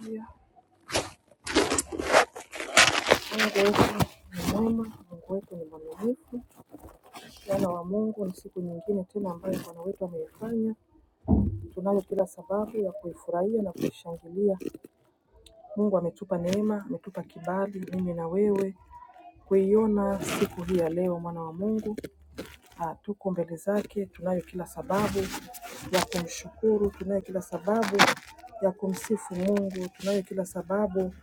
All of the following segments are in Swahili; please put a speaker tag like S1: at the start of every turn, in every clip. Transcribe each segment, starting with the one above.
S1: Mungu wetu ni mwema, Mungu wetu ni mwaminifu. Wana wa Mungu, ni siku nyingine tena ambayo Bwana wetu ameifanya. Tunayo kila sababu ya kuifurahia na kuishangilia. Mungu ametupa neema, ametupa kibali, mimi na wewe kuiona siku hii ya leo, mwana wa Mungu. Ah, tuko mbele zake, tunayo kila sababu ya kumshukuru, tunayo kila sababu ya kumsifu Mungu, tunayo kila sababu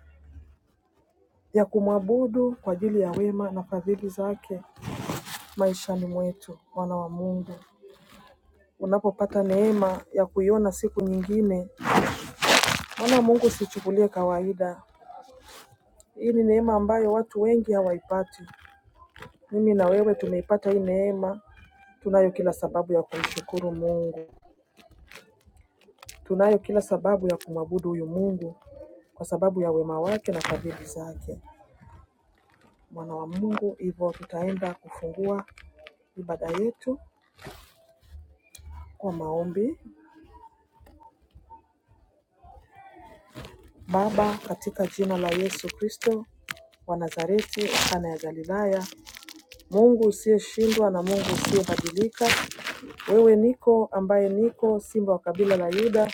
S1: ya kumwabudu kwa ajili ya wema na fadhili zake. maishani mwetu, mwana wa Mungu. Unapopata neema ya kuiona siku nyingine, mwana wa Mungu, usichukulie kawaida. Hii ni neema ambayo watu wengi hawaipati. Mimi na wewe tumeipata hii neema, tunayo kila sababu ya kumshukuru Mungu, tunayo kila sababu ya kumwabudu huyu Mungu kwa sababu ya wema wake na fadhili zake, mwana wa Mungu. Hivyo tutaenda kufungua ibada yetu kwa maombi. Baba, katika jina la Yesu Kristo, wa Nazareti, Kana ya Galilaya, Mungu usiyeshindwa na Mungu usiyebadilika. Wewe niko ambaye niko, Simba wa kabila la Yuda.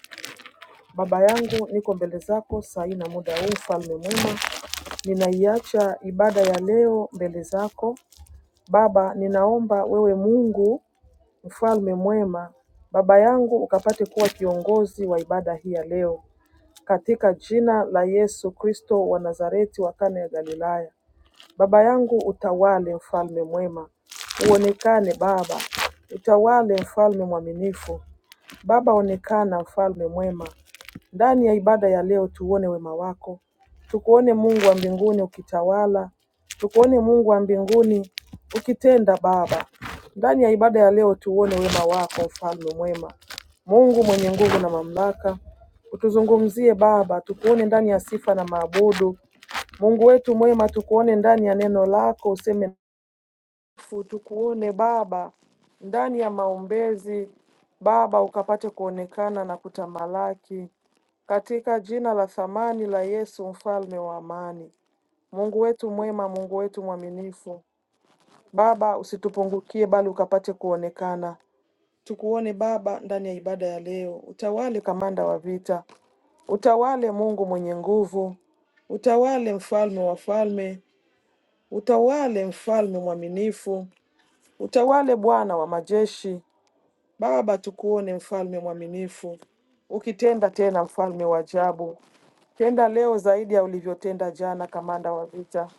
S1: Baba yangu, niko mbele zako saa hii na muda huu, mfalme mwema. Ninaiacha ibada ya leo mbele zako Baba, ninaomba wewe Mungu mfalme mwema, baba yangu ukapate kuwa kiongozi wa ibada hii ya leo katika jina la Yesu Kristo wa Nazareti wa Kana ya Galilaya. Baba yangu utawale mfalme mwema, uonekane Baba, utawale mfalme mwaminifu. Baba onekana mfalme mwema. Ndani ya ibada ya leo tuone wema wako, tukuone Mungu wa mbinguni ukitawala, tukuone Mungu wa mbinguni ukitenda Baba. Ndani ya ibada ya leo tuone wema wako mfalme mwema, Mungu mwenye nguvu na mamlaka, utuzungumzie Baba, tukuone ndani ya sifa na maabudu Mungu wetu mwema, tukuone ndani ya neno lako, useme nasi, tukuone Baba ndani ya maombezi Baba, ukapate kuonekana na kutamalaki katika jina la thamani la Yesu, mfalme wa amani. Mungu wetu mwema, Mungu wetu mwaminifu, Baba usitupungukie, bali ukapate kuonekana. Tukuone Baba ndani ya ibada ya leo, utawale kamanda wa vita, utawale Mungu mwenye nguvu, utawale mfalme wa falme, Utawale mfalme mwaminifu, utawale Bwana wa majeshi. Baba, tukuone mfalme mwaminifu, ukitenda tena, mfalme wa ajabu. Tenda leo zaidi ya ulivyotenda jana, kamanda wa vita.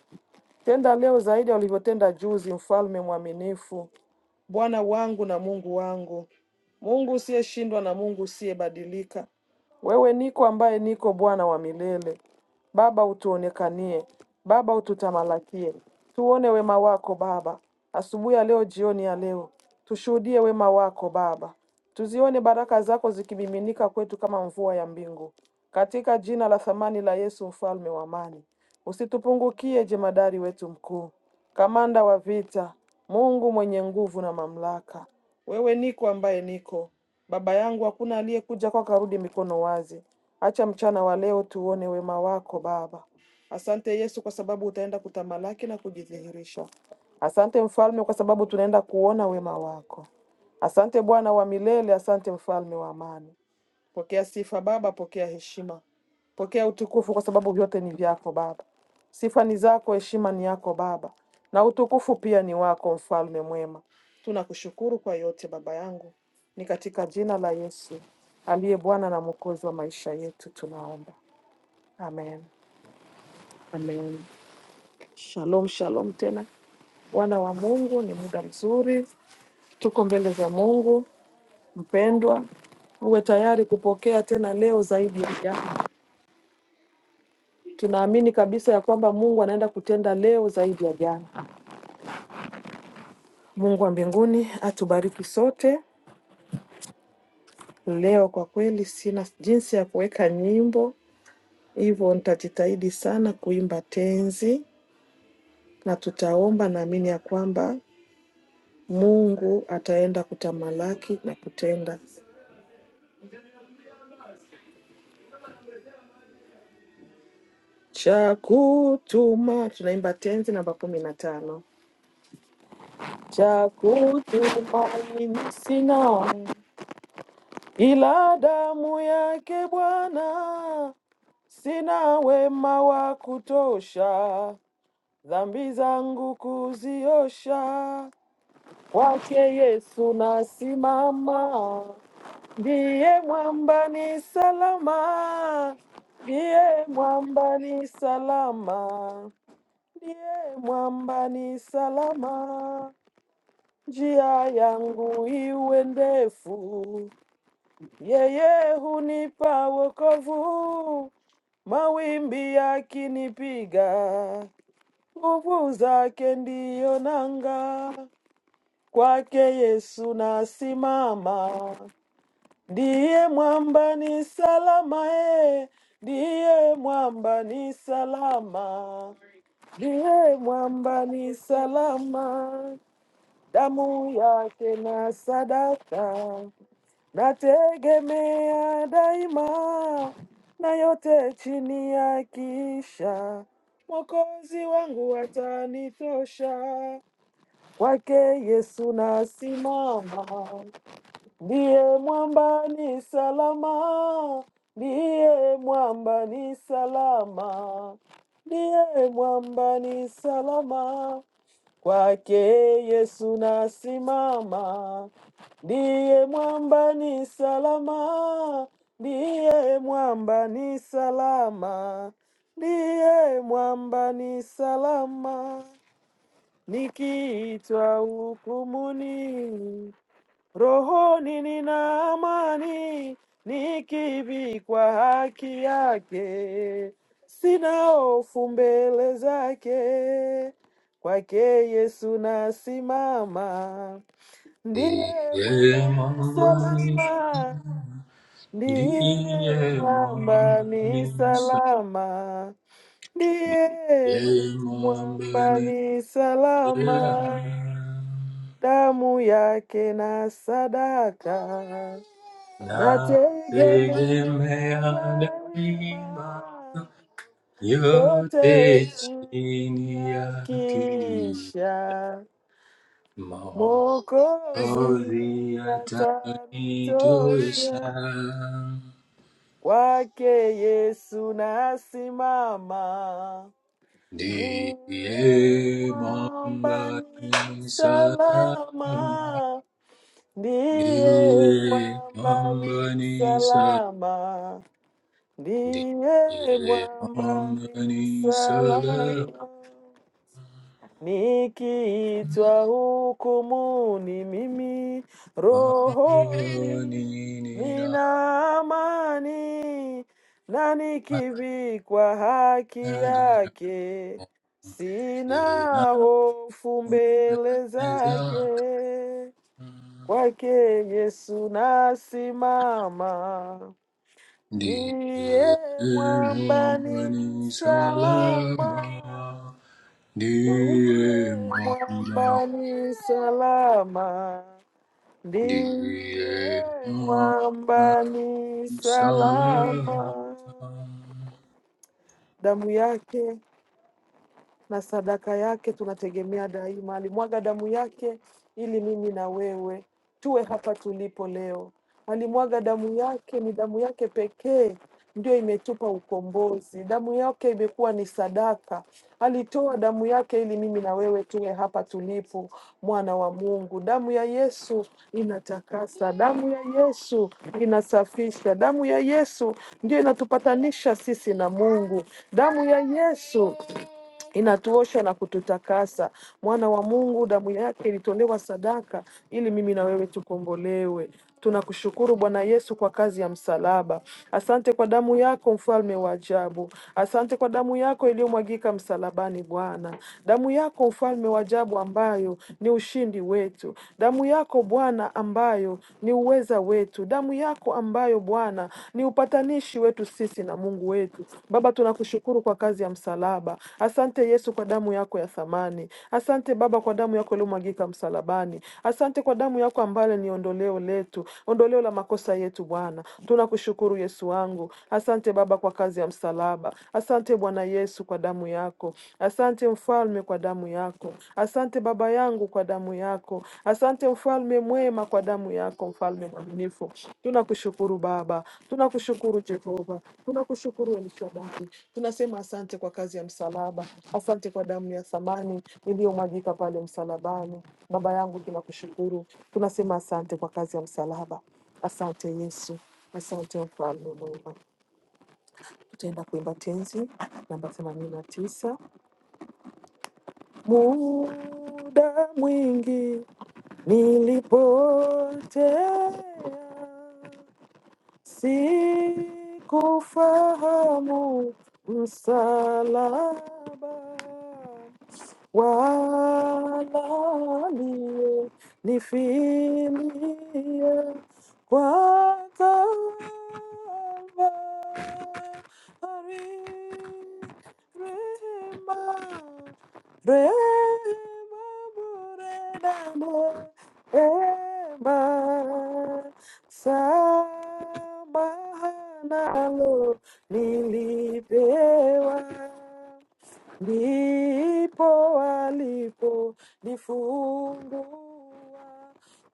S1: Tenda leo zaidi ya ulivyotenda juzi, mfalme mwaminifu. Bwana wangu na Mungu wangu, Mungu usiyeshindwa na Mungu usiyebadilika. Wewe niko ambaye niko, Bwana wa milele. Baba, utuonekanie Baba, ututamalakie, tuone wema wako Baba, asubuhi ya leo, jioni ya leo, tushuhudie wema wako Baba, tuzione baraka zako zikimiminika kwetu kama mvua ya mbingu, katika jina la thamani la Yesu, mfalme wa amani. Usitupungukie jemadari wetu mkuu, kamanda wa vita, Mungu mwenye nguvu na mamlaka. Wewe niko ambaye niko. Baba yangu, hakuna aliyekuja kwako arudi mikono wazi. Acha mchana wa leo tuone wema wako Baba. Asante Yesu kwa sababu utaenda kutamalaki na kujidhihirisha. Asante Mfalme kwa sababu tunaenda kuona wema wako. Asante Bwana wa milele, asante Mfalme wa amani. Pokea sifa Baba, pokea heshima, pokea utukufu, kwa sababu vyote ni vyako Baba. Sifa ni zako, heshima ni yako Baba, na utukufu pia ni wako, Mfalme mwema. Tunakushukuru kwa yote Baba yangu, ni katika jina la Yesu aliye Bwana na Mwokozi wa maisha yetu tunaomba, amen. Amen. Shalom, shalom tena wana wa Mungu, ni muda mzuri, tuko mbele za Mungu. Mpendwa, uwe tayari kupokea tena leo zaidi ya jana. Tunaamini kabisa ya kwamba Mungu anaenda kutenda leo zaidi ya jana. Mungu wa mbinguni atubariki sote leo. Kwa kweli sina jinsi ya kuweka nyimbo, hivyo nitajitahidi sana kuimba tenzi na tutaomba. Naamini ya kwamba Mungu ataenda kutamalaki na kutenda cha kutuma. Tunaimba tenzi namba kumi na tano cha kutuma mimi sina ila damu yake Bwana Sina wema wa kutosha, dhambi zangu kuziosha. Kwake Yesu nasimama, ndiye mwamba ni salama, ndiye mwamba ni salama, ndiye mwamba ni salama. Njia yangu iwe ndefu, yeye hunipa wokovu. Mawimbi yakinipiga, Nguvu zake ndiyo nanga, kwake Yesu nasimama. Ndiye mwamba ni salama e, ndiye mwamba ni salama, ndiye mwamba ni salama. Damu yake na sadaka, nategemea daima, na yote chini ya kisha Mwokozi wangu atanitosha, Kwake Yesu nasimama, ndiye mwamba ni salama, ndiye mwamba ni salama, ndiye mwamba ni salama. Kwake Yesu nasimama, ndiye mwamba ni salama, ndiye mwamba ni salama, ndiye mwamba ni salama. Nikiitwa hukumuni, rohoni nina amani, nikivikwa haki yake, sina hofu mbele zake. Kwake Yesu nasimama, ndiye mwamba
S2: Diye
S1: ni
S2: manmani,
S1: salama,
S2: diye
S1: ndiye mwamba
S2: manmani,
S1: ni salama,
S2: diye
S1: ndiye mwamba
S2: manmani,
S1: ni salama damu yake na sadaka,
S2: na tege me
S1: nategemea
S2: daima,
S1: daima
S2: yo te
S1: yote chini
S2: chini yaki,
S1: yakisha, Mwokozi
S2: mahozi atani toisa.
S1: atanitosha kwake Yesu nasimama,
S2: Diye
S1: ndiye mwamba ni
S2: mambani sarama,
S1: salama Ndiye
S2: diye
S1: mwamba ni
S2: mambani sarama,
S1: salama, ndiye
S2: diye
S1: mwamba ni
S2: mambani
S1: salama.
S2: sarama,
S1: Nikiitwa hukumuni, mimi
S2: ni
S1: rohoni
S2: ni na
S1: nina amani, na nikivikwa haki
S2: na ni na,
S1: yake
S2: si na
S1: sina hofu mbele
S2: na zaka.
S1: zake. Kwake Yesu nasimama,
S2: Diye
S1: ndiye mwambani
S2: mambani sarama,
S1: salama, ndiye
S2: diye mambani.
S1: mwambani salama, ndiye
S2: Diye
S1: mwambani
S2: salam
S1: salama. Damu yake na sadaka yake tunategemea daima. Alimwaga damu yake ili mimi na wewe tuwe hapa tulipo leo. Alimwaga damu yake, ni damu yake pekee ndio imetupa ukombozi. Damu yake imekuwa ni sadaka. Alitoa damu yake ili mimi na wewe tuwe hapa tulipo, mwana wa Mungu. Damu ya Yesu inatakasa, damu ya Yesu inasafisha, damu ya Yesu ndio inatupatanisha sisi na Mungu. Damu ya Yesu inatuosha na kututakasa. Mwana wa Mungu, damu yake ilitolewa sadaka ili mimi na wewe tukombolewe. Tunakushukuru Bwana Yesu kwa kazi ya msalaba. Asante kwa damu yako, mfalme wa ajabu. Asante kwa damu yako iliyomwagika msalabani, Bwana. Damu yako, mfalme wa ajabu, ambayo ni ushindi wetu. Damu yako Bwana, ambayo ni uweza wetu. Damu yako ambayo Bwana ni upatanishi wetu sisi na Mungu wetu. Baba, tunakushukuru kwa kazi ya msalaba. Asante Yesu kwa damu yako ya thamani. Asante Baba kwa damu yako iliyomwagika msalabani. Asante kwa damu yako ambayo ni ondoleo letu, ondoleo la makosa yetu Bwana. Bwana. Tunakushukuru Yesu wangu, asante Baba kwa kazi ya msalaba, asante Bwana Yesu kwa damu yako, asante Mfalme kwa damu yako, asante Baba yangu kwa damu yako, asante Mfalme mwema kwa damu yako, Mfalme mwaminifu. Tunakushukuru Baba, tunakushukuru Jehova, tunakushukuru El Shaddai, tunasema asante kwa kazi ya msalaba, asante kwa damu ya thamani iliyomwagika pale msalabani. Baba yangu, tunakushukuru, tunasema asante kwa kazi ya msalaba. Asante Yesu, asante mfalme mwema. Tutaenda kuimba tenzi namba themanini na tisa. Muda mwingi nilipotea, sikufahamu msalaba Wala Walanifilia kwa tafadhali, rehema, rehema bure na neema, samaha nalo nilipewa ndipo alipojifungua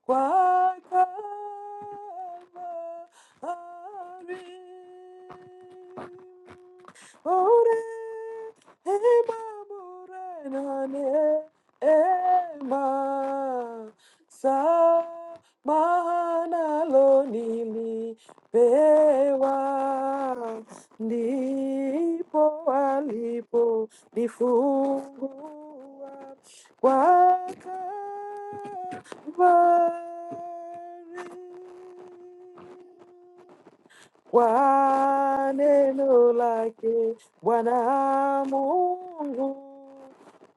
S1: kwa kamari. Rehema bure na neema, samaha nalo nilipewa, ndipo alipo Nifungua kwa Kalvari. Kwa neno lake Bwana Mungu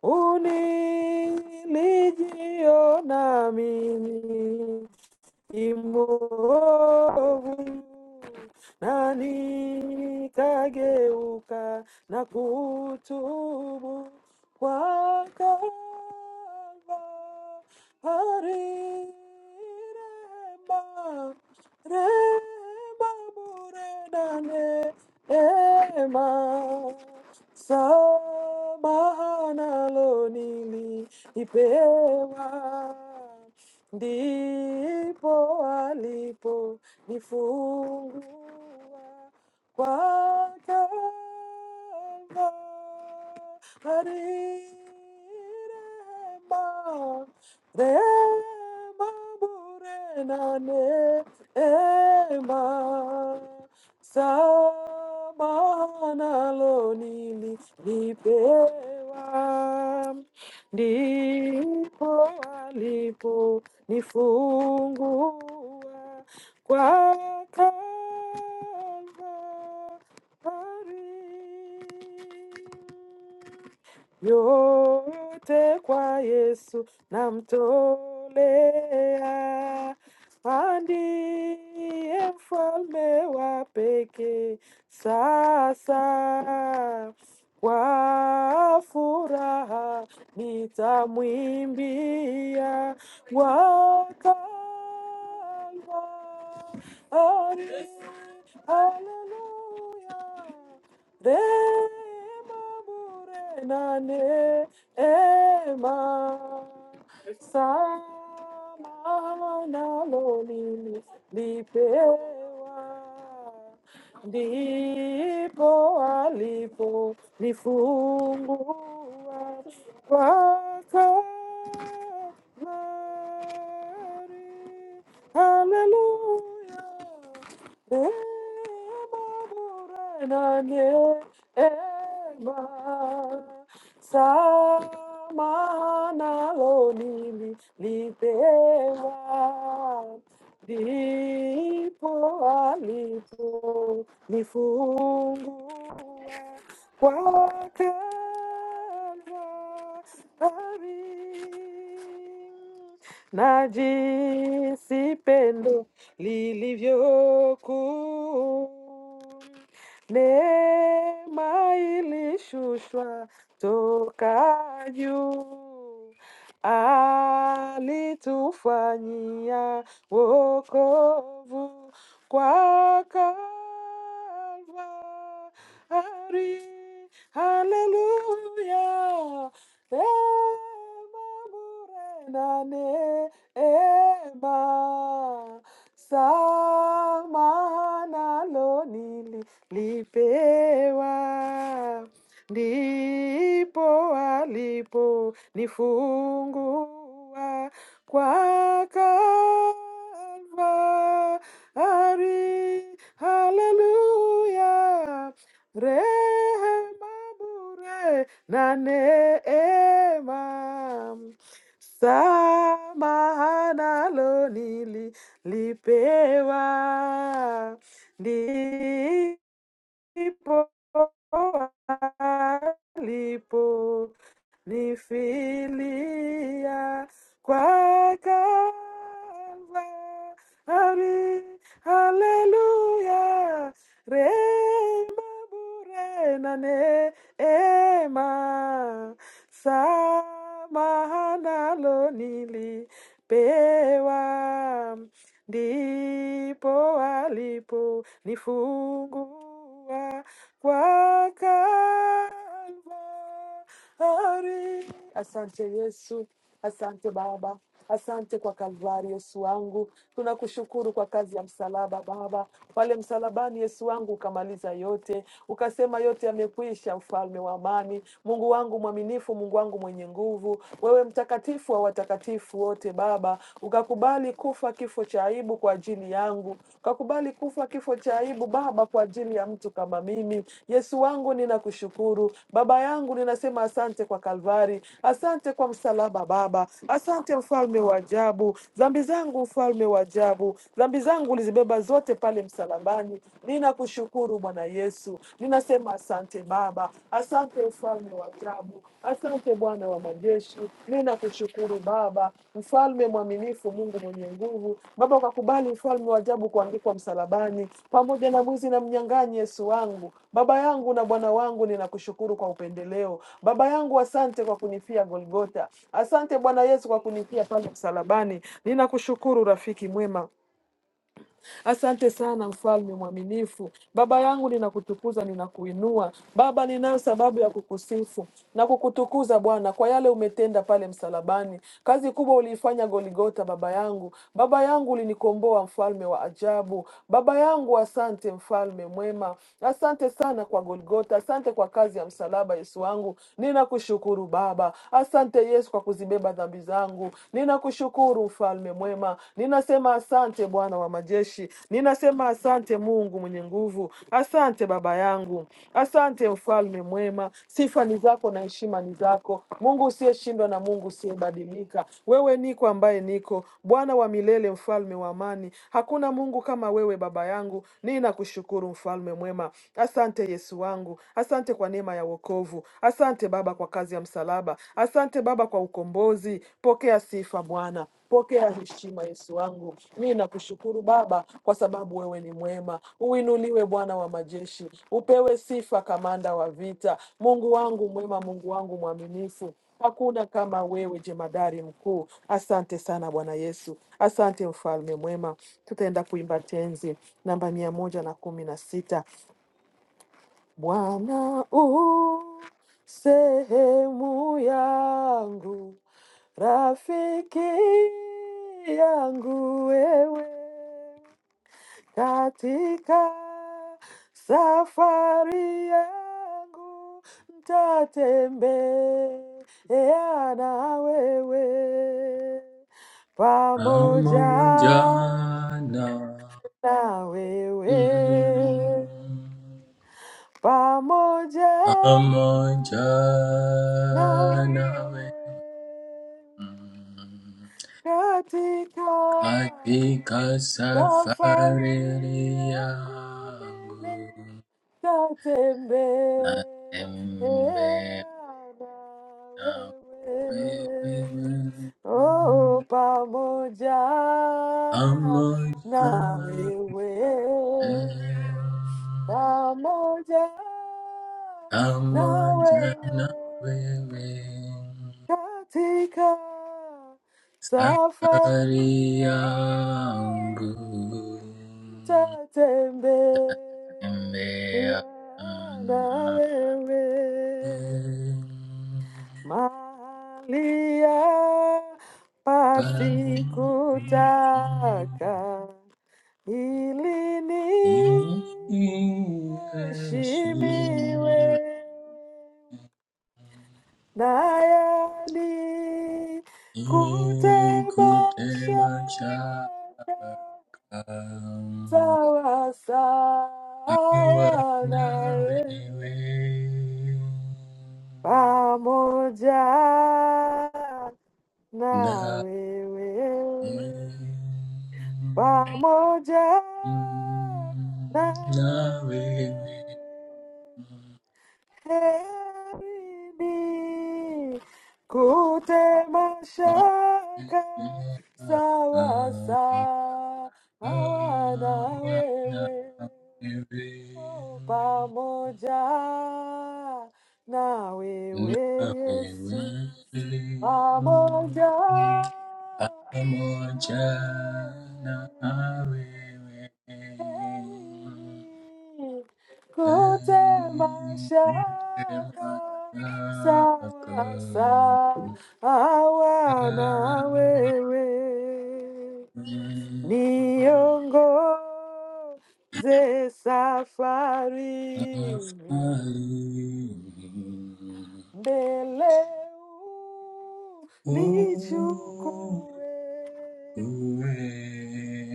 S1: unilijiona mimi imovu na nikageuka na kutubu kwa Kalvari rehema Remaburenanema, samahanalonili ipewa ndipo alipo nifungua kwa Kalvari rehema rehema bure nane ema sama nalo nilipewa, ndipo alipo nifungua kwa Kalvari yote kwa Yesu namtolea, na ndiye mfalme wa pekee. Sasa kwa furaha nitamwimbia wakalvari. Haleluya, rehema bure na neema samana loli lipewa ndipo alipo nifungua kwako Mary, haleluya Ema bure na ema. Samanaloni lipewa lipo alipo nifungua kwa Kalvari na jinsi pendo lilivyoku neema ilishushwa toka juu alitufanyia wokovu kwa Kalvari. Haleluya, neema bure na neema sama nalo nililipewa ndipo aliponifungua kwa Kalvari. Haleluya, rehema bure na neema samahanalo nililipewa Ndipo alipo nifilia kwa Kalvari, haleluya, rehema bure na neema, samahana lo nilipewa ndipo aliponifungulia kwa Kalvari. Asante Yesu, asante Baba, asante kwa Kalvari, Yesu wangu. Tunakushukuru kwa kazi ya msalaba Baba. Pale msalabani, Yesu wangu, ukamaliza yote, ukasema yote yamekwisha, mfalme wa amani, Mungu wangu mwaminifu, Mungu wangu mwenye nguvu nguvu. Wewe mtakatifu wa watakatifu wote Baba, ukakubali kufa kifo cha aibu kwa ajili yangu, ukakubali kufa kifo cha aibu Baba kwa ajili ya mtu kama mimi. Yesu wangu, ninakushukuru Baba yangu, ninasema asante kwa Kalvari, asante kwa msalaba Baba, asante mfalme wa ajabu. Dhambi zangu mfalme wa ajabu, dhambi zangu ulizibeba zote pale msalabani. Ninakushukuru Bwana Yesu, Ninasema asante Baba, asante mfalme wa ajabu, asante Bwana wa majeshi. Ninakushukuru Baba, mfalme mwaminifu, Mungu mwenye nguvu. Baba, ukakubali mfalme wa ajabu kuangikwa msalabani pamoja na mwizi na mnyang'anyi Yesu wangu, Baba yangu na Bwana wangu, ninakushukuru kwa upendeleo. Baba yangu, asante kwa kunifia Golgota. Asante Bwana Yesu kwa kunifia pale msalabani. Ninakushukuru rafiki mwema. Asante sana mfalme mwaminifu. Baba yangu ninakutukuza, ninakuinua. Baba, ninayo sababu ya kukusifu na kukutukuza Bwana kwa yale umetenda pale msalabani. Kazi kubwa uliifanya Goligota, baba yangu. Baba yangu ulinikomboa, mfalme wa ajabu. Baba yangu, asante mfalme mwema. Asante sana kwa Goligota, asante kwa kazi ya msalaba, Yesu wangu. Ninakushukuru Baba. Asante Yesu kwa kuzibeba nimezibeba dhambi zangu. Ninakushukuru mfalme mwema, ninasema asante Bwana wa majeshi, ninasema asante Mungu mwenye nguvu, asante baba yangu, asante mfalme mwema. Sifa ni zako na heshima ni zako, Mungu usiyeshindwa na Mungu usiyebadilika. Wewe niko ambaye niko, Bwana wa milele, mfalme wa amani. Hakuna Mungu kama wewe baba yangu, ninakushukuru mfalme mwema. Asante Yesu wangu wangu. Asante kwa neema ya wokovu. Asante Baba kwa kazi ya msalaba. Asante Baba kwa ukombozi. Pokea sifa Bwana. Pokea heshima Yesu wangu. Mimi nakushukuru Baba kwa sababu wewe ni mwema. Uinuliwe Bwana wa majeshi. Upewe sifa kamanda wa vita. Mungu wangu mwema, Mungu wangu mwaminifu. Hakuna kama wewe jemadari mkuu. Asante sana Bwana Yesu, asante mfalme mwema. Tutaenda kuimba tenzi namba mia moja na kumi na sita. Bwana u sehemu yangu, rafiki yangu wewe, katika safari yangu ntatembea na wewe pamoja
S2: aman jana
S1: na wewe pamoja
S2: aman
S1: na
S2: jana we
S1: wewe katika
S2: katika
S1: Safari
S2: safari
S1: yangu mimi
S2: yangu
S1: tatembeana
S2: natembea na
S1: wewe,
S2: wewe
S1: oh, pamoja na
S2: pamoja
S1: wewe,
S2: Amojana
S1: pamoja na wewe
S2: wewe
S1: katika safari
S2: safari yangu
S1: yangu nitatembea
S2: tembea
S1: na wewe
S2: nawe
S1: mahalia
S2: Pamoja
S1: pasikutaka ili niheshimiwe Nayani
S2: ikute
S1: kutemasha
S2: mashaka
S1: sawa
S2: I will
S1: sawa na
S2: not
S1: wewe
S2: reveal.
S1: pamoja na
S2: Not
S1: wewe pamoja na wewe herini kutemashaka sawa sawa na wewe o pamoja na wewe Yesu pamoja
S2: Not
S1: na
S2: pamoja na
S1: wewe
S2: wewe
S1: Erini,
S2: Ee Mungu
S1: kutemashaka
S2: wako.
S1: sawa awana na
S2: Amen.
S1: wewe niongoze safarini
S2: Afadhali
S1: mbele u
S2: ukuwe
S1: nichukue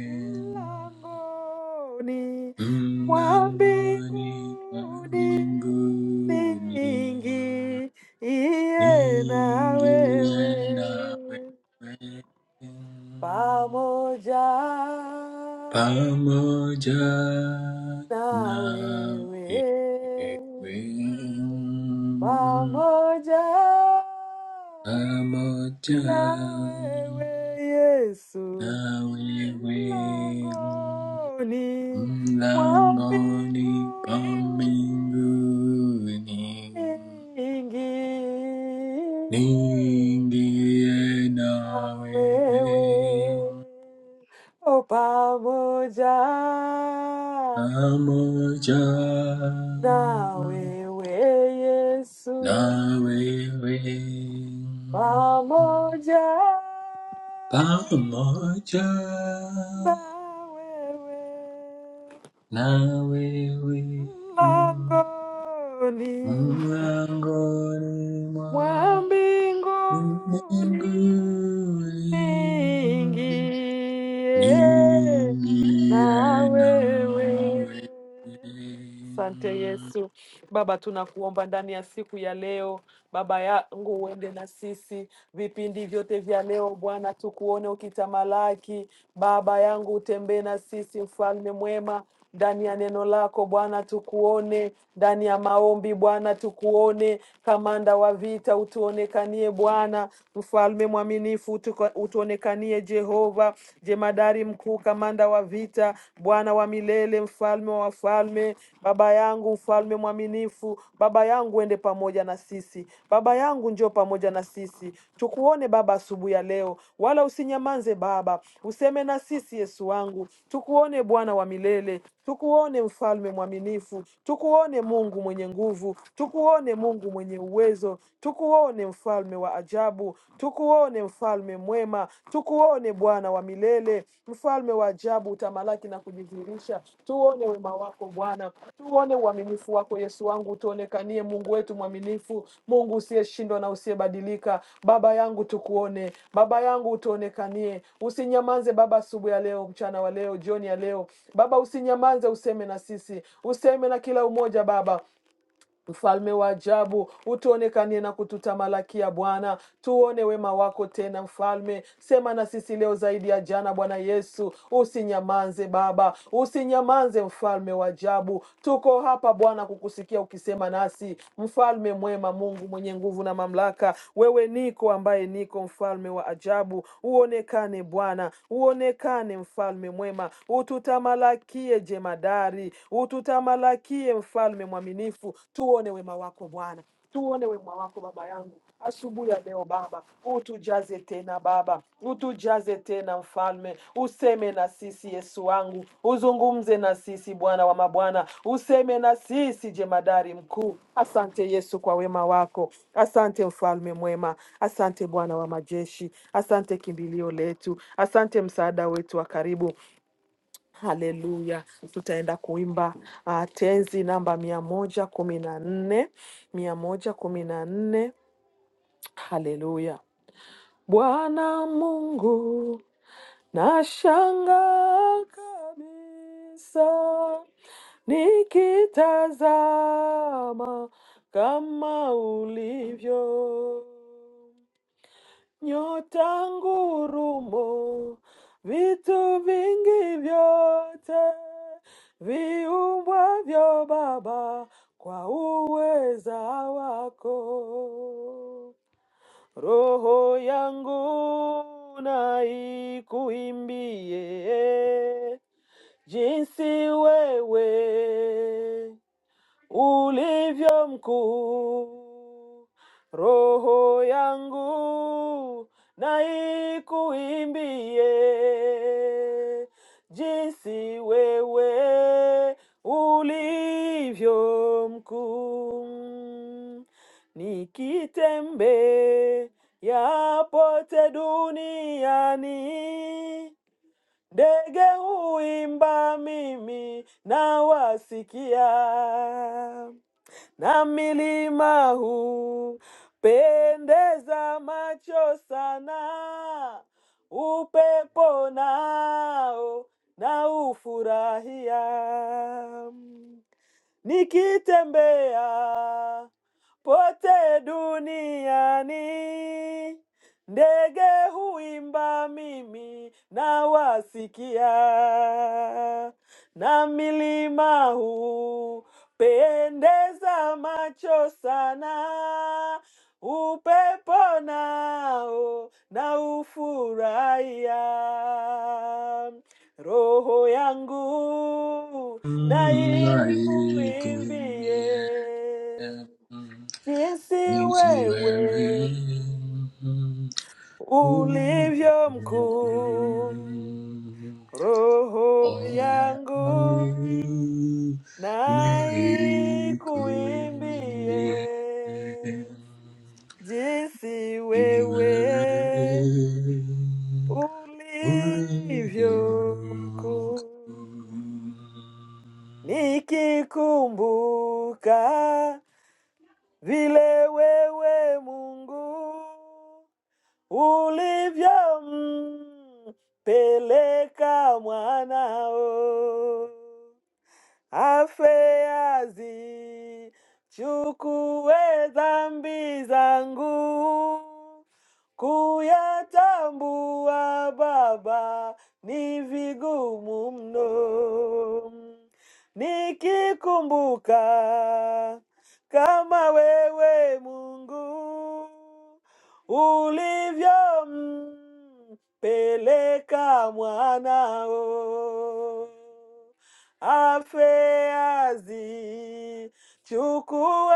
S1: mlangoni mwa
S2: mlangoni mwa
S1: mbinguni
S2: mbinguni
S1: niingiye na wewe
S2: Ningine na wewe
S1: pamoja
S2: pamoja
S1: na
S2: na
S1: wewe
S2: wewe
S1: pamoja
S2: pamoja
S1: na wewe Yesu
S2: na wewe
S1: mlangoni mwa
S2: mlangoni pa
S1: mbinguni
S2: mbinguni
S1: niingie
S2: niingie
S1: na
S2: na
S1: wewe
S2: wewe
S1: o pamoja
S2: Namuja
S1: na wewe Yesu
S2: na wewe
S1: pamoja
S2: pamoja
S1: na wewe
S2: na wewe
S1: mlangoni
S2: mlangoni
S1: wa
S2: mwa
S1: mbinguni
S2: mbinguni
S1: ningie na
S2: niingie
S1: wewe
S2: nawe
S1: Asante Yesu. Baba, tunakuomba ndani ya siku ya leo, Baba yangu, uende na sisi vipindi vyote vya leo Bwana, tukuone ukitamalaki. Baba yangu, utembee na sisi, mfalme mwema, ndani ya neno lako Bwana, tukuone ndani ya maombi Bwana, tukuone kamanda wa vita, utuonekanie Bwana, mfalme mwaminifu, utuko- utuonekanie Jehova, jemadari mkuu, kamanda wa vita, Bwana wa milele, mfalme wa wafalme wewe baba yangu, mfalme mwaminifu, baba yangu, ende pamoja na sisi, baba yangu, njoo pamoja na sisi, tukuone Baba asubuhi ya leo, wala usinyamanze Baba, useme na sisi Yesu wangu, tukuone Bwana wa milele, tukuone mfalme mwaminifu, tukuone Mungu mwenye nguvu, tukuone Mungu mwenye uwezo, tukuone mfalme wa ajabu, tukuone mfalme mwema mwema. Tukuone Bwana wa milele, mfalme wa ajabu, utamalaki na kujidhihirisha. Tuone wema wako Bwana, tuone uaminifu wako Yesu wangu, tuonekanie Mungu wetu mwaminifu, Mungu usiyeshindwa na usiyebadilika. Baba yangu tukuone, Baba yangu utuonekanie, usinyamaze Baba asubuhi ya leo, mchana wa leo, jioni ya leo. Baba usinyamaze, useme na sisi, useme na kila umoja Baba, Mfalme wa ajabu, utuonekanie na kututamalakia Bwana, tuone wema wako tena Mfalme. Sema na sisi leo zaidi ya jana, Bwana Yesu. Usinyamanze Baba, usinyamanze Mfalme wa ajabu. Tuko hapa Bwana kukusikia ukisema nasi, Mfalme mwema, Mungu mwenye nguvu na mamlaka. Wewe niko ambaye niko, Mfalme wa ajabu. Uonekane Bwana, uonekane Mfalme mwema, ututamalakie jemadari, ututamalakie mfalme mwaminifu. Tuone wema wako Bwana, tuone wema wako baba yangu asubuhi ya leo Baba, utujaze tena Baba, utujaze tena Mfalme, useme na sisi Yesu wangu, uzungumze na sisi Bwana wa mabwana, useme na sisi jemadari mkuu. Asante Yesu kwa wema wako, asante Mfalme mwema, asante Bwana wa majeshi, asante kimbilio letu, asante msaada wetu wa karibu. Haleluya, tutaenda kuimba ah, tenzi namba mia moja kumi na nne mia moja kumi na nne Haleluya. Bwana Mungu, nashangaa kabisa nikitazama kama ulivyo nyota ngurumo, vitu vingi vyote viumbwavyo Baba kwa uweza wako. Roho yangu na ikuimbie jinsi wewe ulivyo mkuu. Roho yangu na ikuimbie jinsi wewe ulivyo mkuu. Nikitembea yapote duniani Ndege huimba, mimi nawasikia na milima huu pendeza macho sana, upepo nao na ufurahia Nikitembea pote duniani, ndege huimba, mimi nawasikia, na milima hupendeza macho sana, upepo nao naufurahia, roho yangu Naikuimbie
S2: naikumie
S1: jinsi
S2: Is he
S1: wewe
S2: wearing a crown?
S1: ulivyo mkuu, roho yangu naikuimbie jinsi wewe ulivyo mkuu, nikikumbuka Vile wewe Mungu ulivyompeleka mwanao afeazi, chukue dhambi zangu, kuyatambua Baba ni vigumu mno, nikikumbuka kama wewe Mungu ulivyo mpeleka mwanao afeazi, chukue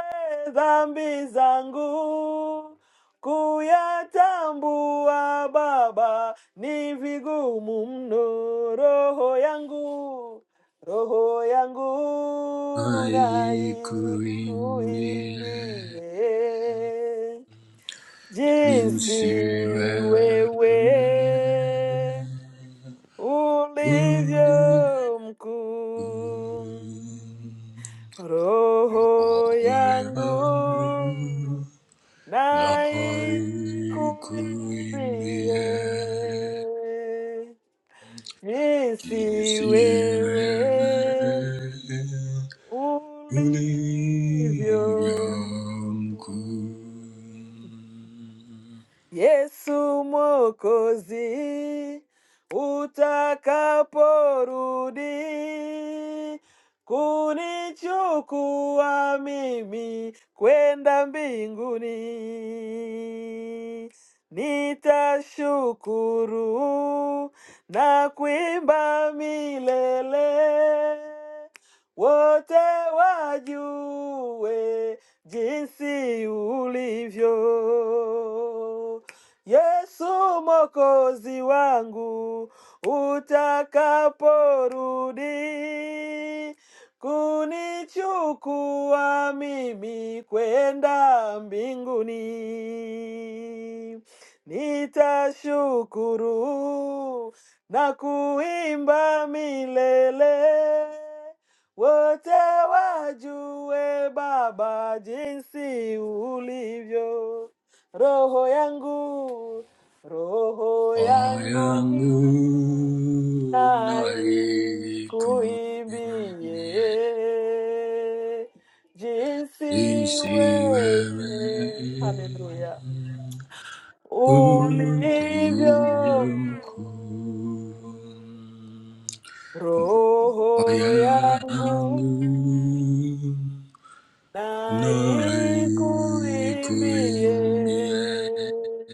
S1: dhambi zangu kuyatambua Baba, ni vigumu mno. Roho yangu, roho yangu na
S2: I could
S1: ikuimbie
S2: William
S1: jinsi wewe ulivyo mkuu. Roho yangu na ikuimbie, jinsi wewe ulivyo mkuu. Yesu Mwokozi, utakaporudi kunichukua mimi kwenda mbinguni, nitashukuru na kuimba milele, wote wajue jinsi ulivyo Yesu Mwokozi wangu, utakaporudi kunichukua mimi kwenda mbinguni, nitashukuru na kuimba milele wote wajue Baba jinsi ulivyo roho yangu, roho
S2: I
S1: yangu
S2: am unaiku
S1: naikuimbie jinsi
S2: in sivere
S1: wewe, haleluya, ulivyo
S2: Udiyam kun
S1: mkuu, roho yangu
S2: Vayangu naiku
S1: naikuimbie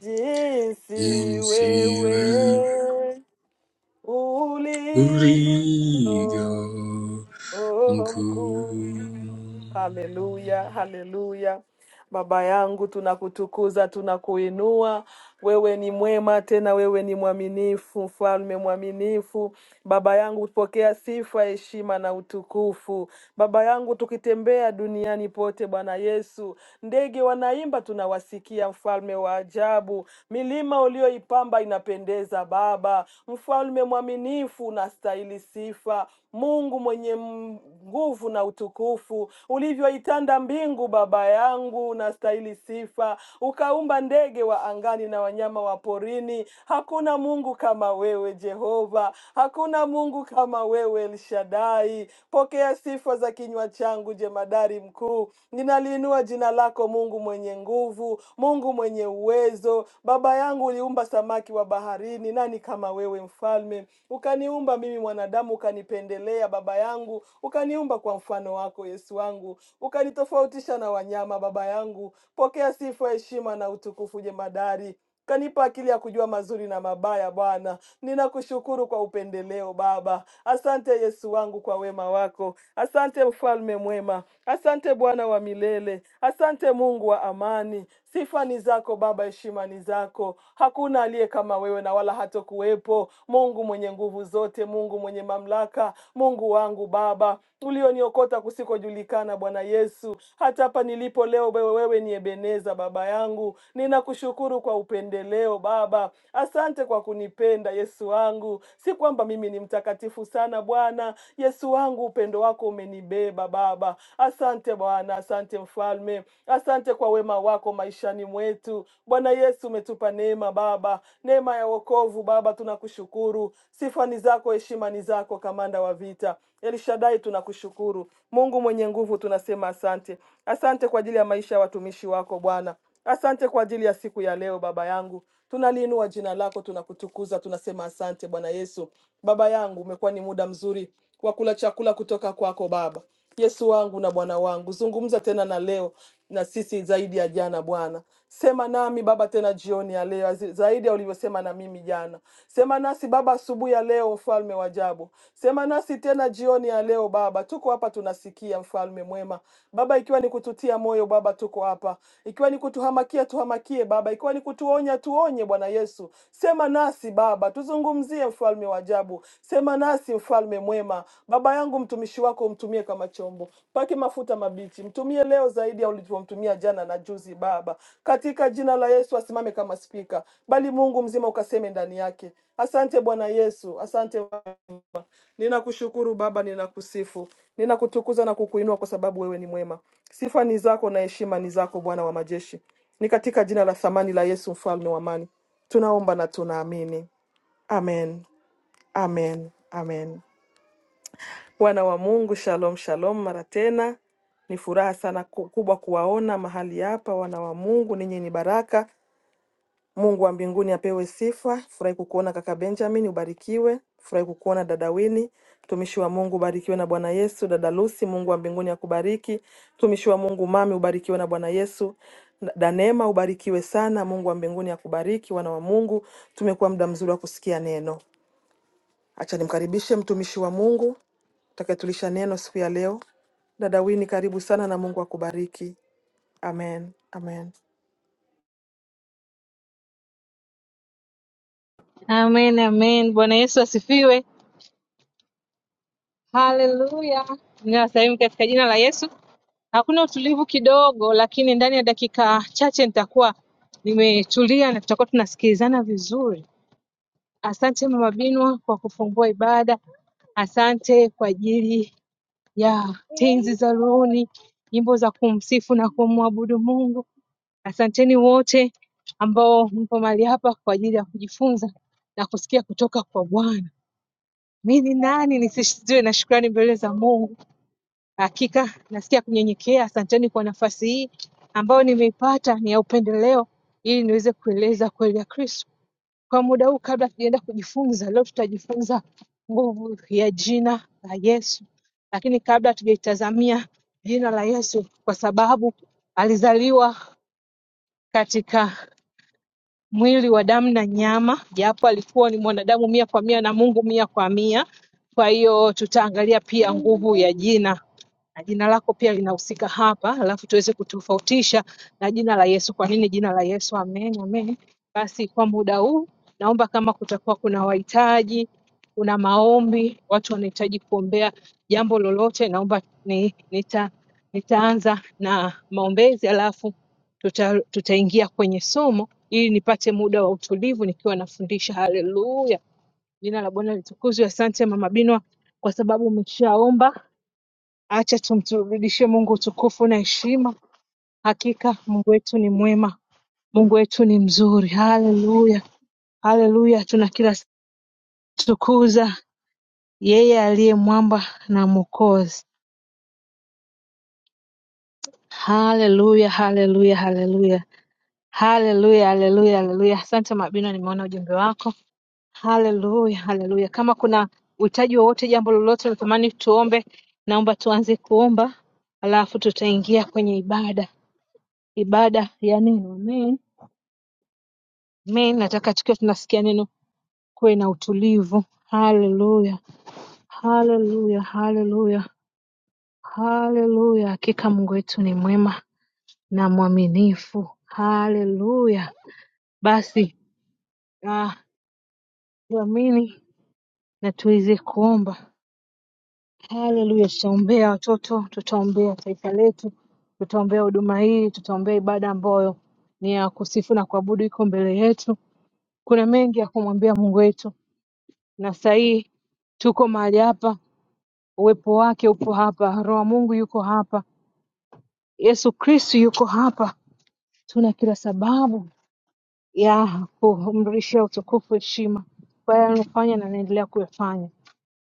S1: 一丝微
S2: in
S1: 微无力。
S2: We go
S1: Oh, mkuu.
S2: on.
S1: Haleluya, haleluya. Baba yangu, tunakutukuza, tunakuinua. Wewe ni mwema, tena wewe ni mwaminifu, mfalme mwaminifu. Baba yangu, pokea sifa, heshima na utukufu. Baba yangu, tukitembea duniani pote, Bwana Yesu, ndege wanaimba, tunawasikia. Mfalme wa ajabu, milima ulioipamba inapendeza. Baba, mfalme mwaminifu, unastahili sifa Mungu mwenye m- nguvu na utukufu, ulivyoitanda mbingu, Baba yangu, unastahili sifa. Ukaumba ndege wa angani na wanyama wa porini. Hakuna Mungu kama wewe Jehova, hakuna Mungu kama wewe El Shaddai. Pokea sifa za kinywa changu, jemadari mkuu. Ninaliinua jina lako, Mungu mwenye nguvu, Mungu mwenye uwezo. Baba yangu, uliumba samaki wa baharini, nani kama wewe mfalme? Ukaniumba mimi mwanadamu, ukanipa ukanipendelea Baba yangu, ukaniumba kwa mfano wako Yesu wangu, ukanitofautisha na wanyama Baba yangu. Pokea sifa, heshima na utukufu jemadari kanipa akili ya kujua mazuri na mabaya. Bwana, ninakushukuru kwa upendeleo Baba. Asante Yesu wangu kwa wema wako, asante mfalme mwema, asante Bwana wa milele, asante Mungu wa amani. Sifa ni zako Baba, heshima ni zako. Hakuna aliye kama wewe na wala hatokuwepo. Mungu mwenye nguvu zote, Mungu mwenye mamlaka, Mungu wangu Baba ulioniokota kusikojulikana, Bwana Yesu. Hata hapa nilipo leo, wewe wewe ni Ebeneza, Baba yangu. Ninakushukuru kwa upendeleo Baba, asante kwa kunipenda Yesu wangu. Si kwamba mimi ni mtakatifu sana Bwana Yesu wangu, upendeleo upendo wako umenibeba Baba. Asante Bwana, asante Mfalme, asante kwa wema wako maishani mwetu. Bwana Yesu, umetupa neema Baba, neema ya wokovu Baba, tunakushukuru. Sifa ni zako, heshima ni zako, kamanda wa vita Elishadai, tunakushukuru Mungu mwenye nguvu, tunasema asante. Asante kwa ajili ya maisha ya watumishi wako Bwana, asante kwa ajili ya siku ya leo Baba yangu tunaliinua jina lako, tunakutukuza, tunasema asante Bwana Yesu. Baba yangu, umekuwa ni muda mzuri kwa kula chakula kutoka kwako Baba. Yesu wangu na Bwana wangu, zungumza tena na leo na sisi zaidi ya jana. Bwana, sema nami Baba tena jioni ya leo zi- zaidi ya ulivyosema na mimi jana. Sema nasi Baba asubuhi ya leo, mfalme wa ajabu. Sema nasi tena jioni ya leo Baba, tuko hapa tunasikia, mfalme mwema Baba, ikiwa ni kututia moyo Baba, tuko hapa, ikiwa ni kutuhamasisha unatuhamakia tuhamakie Baba, ikiwa ni kutuonya tuonye, Bwana Yesu. Sema nasi Baba, tuzungumzie mfalme wa ajabu, sema nasi mfalme mwema. Baba yangu mtumishi wako umtumie kama chombo, pake mafuta mabichi, mtumie leo zaidi ya ulivyomtumia jana na juzi Baba, katika jina la Yesu. Asimame kama spika, bali Mungu mzima ukaseme ndani yake. Asante Bwana Yesu, asante Ninakushukuru Baba, ninakusifu, ninakutukuza na kukuinua kwa sababu wewe ni mwema. Sifa ni zako na heshima ni zako, Bwana wa majeshi. Ni katika jina la thamani la Yesu, mfalme wa amani, tunaomba na tunaamini. Amen, amen, amen. Wana wa Mungu, shalom, shalom. Mara tena ni furaha sana ku- kubwa kuwaona mahali hapa, wana wa Mungu, ninyi ni baraka Mungu wa mbinguni apewe sifa. Furahi kukuona kaka Benjamin, ubarikiwe. Furahi kukuona dada Wini, mtumishi wa Mungu, ubarikiwe na Bwana Yesu. Dada Lucy, Mungu wa mbinguni akubariki. Mtumishi wa Mungu mami, ubarikiwe na Bwana Yesu. Danema, ubarikiwe sana. Mungu wa mbinguni akubariki. Wana wa Mungu, tumekuwa muda mzuri wa kusikia neno. Acha nimkaribishe mtumishi wa Mungu takayetulisha neno siku ya leo. Dada Wini, karibu sana na Mungu akubariki. Amen, amen.
S3: Amen, amen. Bwana Yesu asifiwe. Haleluya. Ninawasalimu katika jina la Yesu. Hakuna utulivu kidogo, lakini ndani ya dakika chache nitakuwa nimetulia na tutakuwa tunasikilizana vizuri. Asante Mama Binwa kwa kufungua ibada. Asante kwa ajili ya tenzi za rohoni, nyimbo za kumsifu na kumwabudu Mungu. Asanteni wote ambao mpo mahali hapa kwa ajili ya kujifunza na kusikia kutoka kwa Bwana. Mi ni nani nisisitiwe na shukrani mbele za Mungu? Hakika nasikia kunyenyekea. Asanteni kwa nafasi hii ambayo nimeipata, ni ya upendeleo, ili niweze kueleza kweli ya Kristo kwa muda huu. Kabla tujaenda kujifunza leo, tutajifunza nguvu ya jina la Yesu, lakini kabla tujaitazamia jina la Yesu, kwa sababu alizaliwa katika mwili wa damu na nyama, japo alikuwa ni mwanadamu mia kwa mia na Mungu mia kwa mia. Kwa hiyo tutaangalia pia nguvu ya jina na jina lako pia linahusika hapa, alafu tuweze kutofautisha na jina la Yesu. Kwa nini jina la Yesu? Amen, amen. Basi kwa muda huu naomba kama kutakuwa kuna wahitaji, kuna maombi, watu wanahitaji kuombea jambo lolote, naomba ni, nita, nitaanza na maombezi alafu tuta, tutaingia kwenye somo ili nipate muda wa utulivu nikiwa nafundisha. Haleluya, jina la Bwana litukuzwe. Asante Mama Binwa kwa sababu umeshaomba Acha tumrudishie Mungu utukufu na heshima. Hakika Mungu wetu ni mwema, Mungu wetu ni mzuri. Haleluya, haleluya! Tuna kila tukuza yeye aliye mwamba na mwokozi. Haleluya, haleluya, haleluya, haleluya, haleluya, haleluya! Asante Mabino, nimeona ujumbe wako. Haleluya, haleluya. Kama kuna uhitaji wowote, jambo lolote natamani tuombe, naomba tuanze kuomba, alafu tutaingia kwenye ibada, ibada ya neno. Amen. Amen. Nataka tukiwa tunasikia neno kuwe na utulivu. Haleluya, haleluya, haleluya, haleluya. Hakika Mungu wetu ni mwema na mwaminifu. Haleluya. Basi ah, tuamini na tuweze kuomba. Haleluya, tutaombea watoto, tutaombea taifa letu, tutaombea huduma hii, tutaombea ibada ambayo ni ya kusifu na kuabudu iko mbele yetu. Kuna mengi ya kumwambia Mungu wetu, na saa hii tuko mahali hapa Uwepo wake upo hapa, Roho wa Mungu yuko hapa, Yesu Kristu yuko hapa. Tuna kila sababu ya kumrudishia utukufu, heshima kwa yale anayofanya na anaendelea kuyafanya.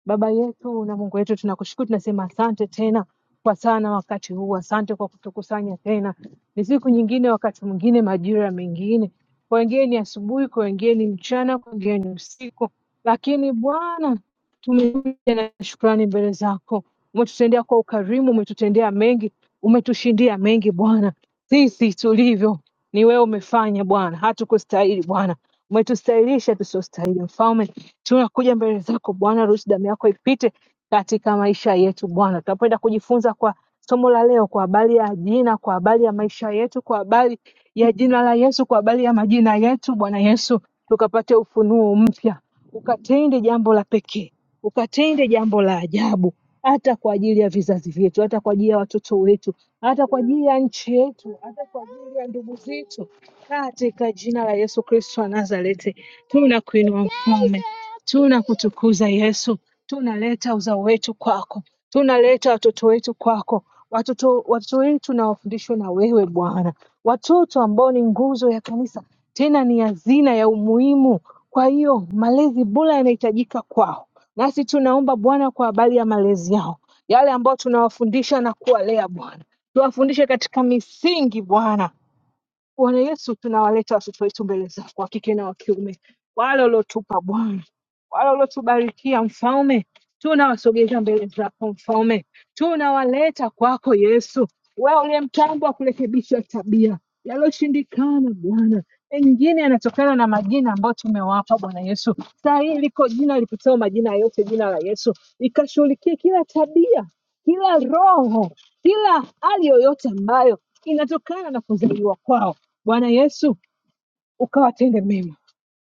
S3: Baba yetu na Mungu wetu, tunakushukuru, tunasema asante tena kwa sana wakati huu, asante kwa kutukusanya tena. Ni siku nyingine, wakati mwingine, majira mengine, kwa wengine ni asubuhi, kwa wengine ni mchana, kwa wengine ni usiku, lakini Bwana tumekuja na shukrani mbele zako. Umetutendea kwa ukarimu, umetutendea mengi, umetushindia mengi Bwana. Sisi tulivyo ni wewe umefanya Bwana, hatukustahili Bwana, umetustahilisha tusiyostahili Mfalme tunakuja mbele zako Bwana ruhusu damu yako ipite katika maisha yetu Bwana. Tunapoenda kujifunza kwa somo la leo, kwa habari ya jina, kwa habari ya maisha yetu, kwa habari ya jina la Yesu, kwa habari ya majina yetu, Bwana Yesu, tukapate ufunuo mpya, ukatende jambo la pekee, ukatende jambo la ajabu, hata kwa ajili ya vizazi vyetu, hata kwa ajili ya watoto wetu, hata kwa ajili ya nchi yetu, hata kwa ajili ya ndugu zetu, katika jina la Yesu Kristo wa Nazareti tunakuinua Mfalme. Tunakutukuza Yesu, tunaleta uzao wetu kwako, tunaleta watoto wetu kwako, watoto watoto wetu na wafundishwe na wewe Bwana, watoto ambao ni nguzo ya kanisa, tena ni hazina ya umuhimu. Kwa hiyo malezi bora yanahitajika kwao, nasi tunaomba Bwana kwa habari ya malezi yao, yale ambayo tunawafundisha na kuwalea Bwana, tuwafundishe katika misingi Bwana Bwana Yesu, tunawaleta watoto wetu mbele zako, wa kike na wa kiume, wale uliotupa Bwana, wale uliotubarikia Mfalme, tunawasogeza mbele zako Mfalme, tunawaleta kwako Yesu, wewe uliye mtambo wa kurekebisha tabia, yaliyoshindikana Bwana mengine yanatokana na majina ambayo tumewapa Bwana Yesu. Saa hii liko jina lipitao majina yote, jina la Yesu, ikashughulikie kila tabia kila roho, kila hali yoyote ambayo inatokana na kuzaliwa kwao. Bwana Yesu, ukawatende mema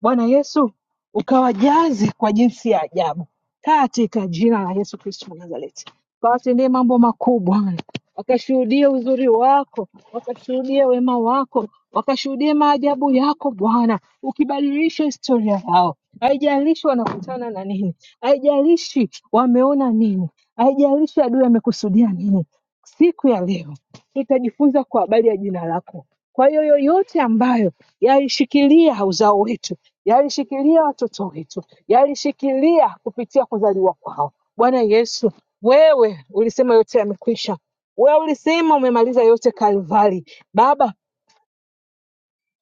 S3: Bwana Yesu, ukawajaze kwa jinsi ya ajabu katika jina la Yesu Kristo wa Nazareti. Ukawatendee mambo makubwa, wakashuhudie uzuri wako, wakashuhudie wema wako, wakashuhudie maajabu yako Bwana, ukibadilisha historia yao. Haijalishi wanakutana na nini, haijalishi wameona nini, haijalishi adui amekusudia nini, siku ya leo tutajifunza kwa habari ya jina lako kwa hiyo yoyote ambayo yalishikilia uzao wetu, yalishikilia watoto wetu, yalishikilia kupitia kuzaliwa kwao, Bwana Yesu, wewe ulisema yote yamekwisha. Wewe ulisema umemaliza yote Kalvari. Baba,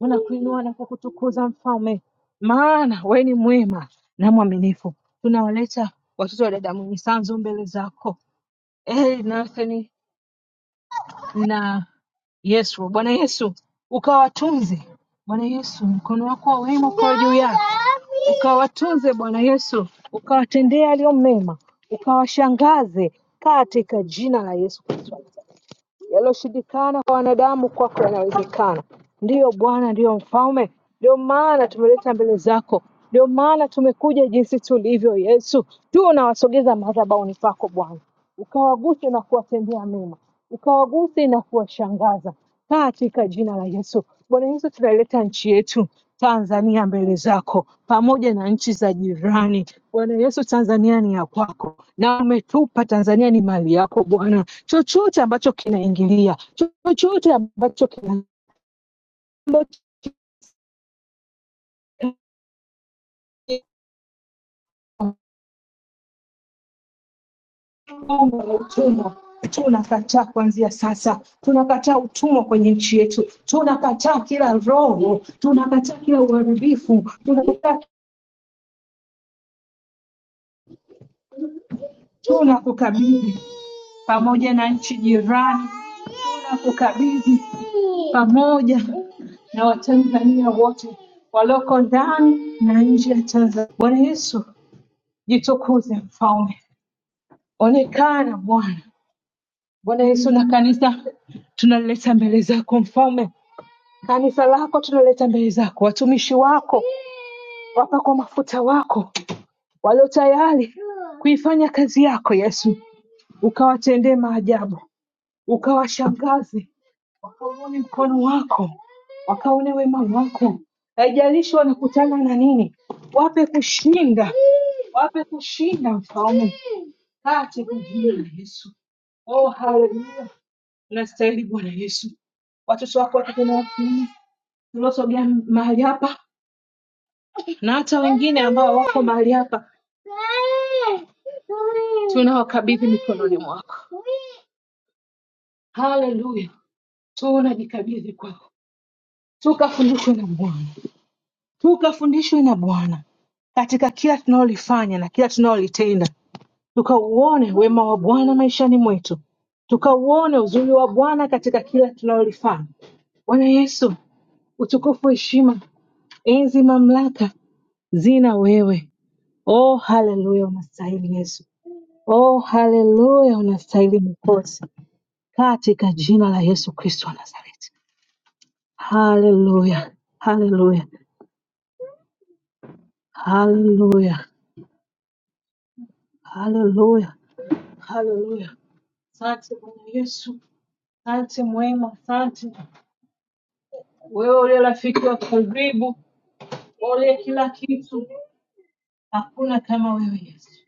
S3: unakuinua na kukutukuza Mfalme, maana wewe ni mwema na mwaminifu. Tunawaleta watoto wa dada Mwenye Sanzu mbele zako. Eh, Nathan na Yesu. Bwana Yesu, ukawatunze Bwana Yesu, mkono wako wa wema ukawa juu yao, ukawatunze Bwana Yesu, ukawatendee yaliyo mema, ukawashangaze katika jina la Yesu Kristo. Yaliyoshindikana kwa wanadamu kwako yanawezekana. Ndiyo Bwana, ndiyo Mfalme, ndio maana tumeleta mbele zako, ndio maana tumekuja jinsi tulivyo. Yesu, tunawasogeza madhabahuni pako Bwana, ukawaguse na kuwatendea mema, ukawaguse na kuwashangaza katika jina la Yesu. Bwana Yesu, tunaileta nchi yetu Tanzania mbele zako pamoja na nchi za jirani. Bwana Yesu, Tanzania ni ya kwako na umetupa Tanzania ni mali yako Bwana. Chochote ambacho kinaingilia, chochote ambacho kina Omba la utumwa tunakataa kuanzia sasa, tunakataa utumwa kwenye nchi yetu, tunakataa kila roho, tunakataa kila uharibifu, tunakataa tuna kukabidhi pamoja na nchi jirani na kukabidhi pamoja na Watanzania wote walioko ndani na nje ya Tanzania. Bwana Yesu, jitukuze mfalme, onekana Bwana. Bwana Yesu, na kanisa tunalileta mbele zako mfalme, kanisa lako tunaleta mbele zako, watumishi wako wapakwa mafuta wako walio tayari kuifanya kazi yako Yesu, ukawatendee maajabu, ukawashangaze wakauone mkono wako, wakaone wema wako. Haijalishi wanakutana na nini, wape kushinda, wape kushinda mfalme, katika jina la Yesu. Oh, haleluya! Unastahili Bwana Yesu. Watoto wako wa kike na wa kiume tuliosogea mahali hapa na hata wengine ambao wako mahali hapa, tunawakabidhi mikononi mwako. Haleluya, tunajikabidhi kwako, tukafunikwe na mwanga tukafundishwe na Bwana katika kila tunalolifanya na kila tunalolitenda, tukauone wema wa Bwana maishani mwetu, tukauone uzuri wa Bwana katika kila tunalolifanya. Bwana Yesu, utukufu, heshima, enzi, mamlaka zina wewe. Oh, haleluya, unastahili Yesu. Oh, haleluya, unastahili Mwokozi, katika jina la Yesu Kristo wa Nazareti. Haleluya, haleluya, haleluya, haleluya. Haleluya. Asante Bwana Yesu, asante mwema, asante wewe uliye rafiki wa karibu, wewe uliye kila kitu. Hakuna kama wewe Yesu,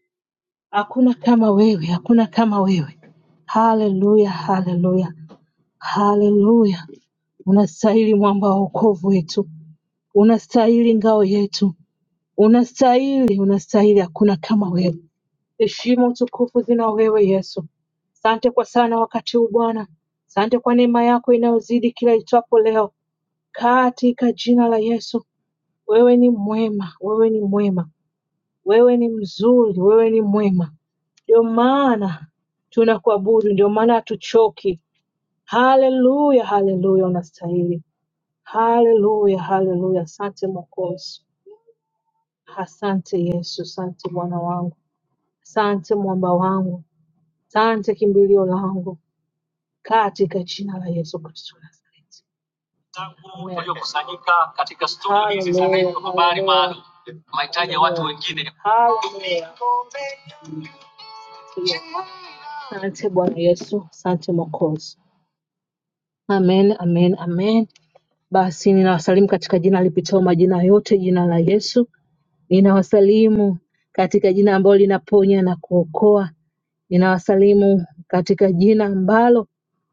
S3: hakuna kama wewe, hakuna kama wewe. Haleluya, haleluya, haleluya. Unastahili mwamba wa wokovu wetu, unastahili ngao yetu, unastahili, unastahili. Hakuna kama wewe. Heshima, utukufu zina wewe Yesu. Sante kwa sana wakati huu Bwana, sante kwa neema yako inayozidi kila itwapo leo, katika jina la Yesu. Wewe ni mwema, wewe ni mwema, wewe ni mzuri, wewe ni mwema. Ndio maana tunakuabudu, ndio maana hatuchoki. Haleluya, haleluya, unastahili. Haleluya, haleluya. Asante Mwokozi, asante Yesu, asante Bwana wangu, asante mwamba wangu, asante kimbilio langu. katika jina la Yesu Kristo wa Nazareti. Amen. Hallelujah, hallelujah, hallelujah, hallelujah. Asante Bwana Yesu, asante Mwokozi. Amen, amen, amen. Basi ninawasalimu katika jina lipitao majina yote, jina la Yesu. Ninawasalimu katika jina ambalo linaponya na kuokoa. Ninawasalimu katika jina ambalo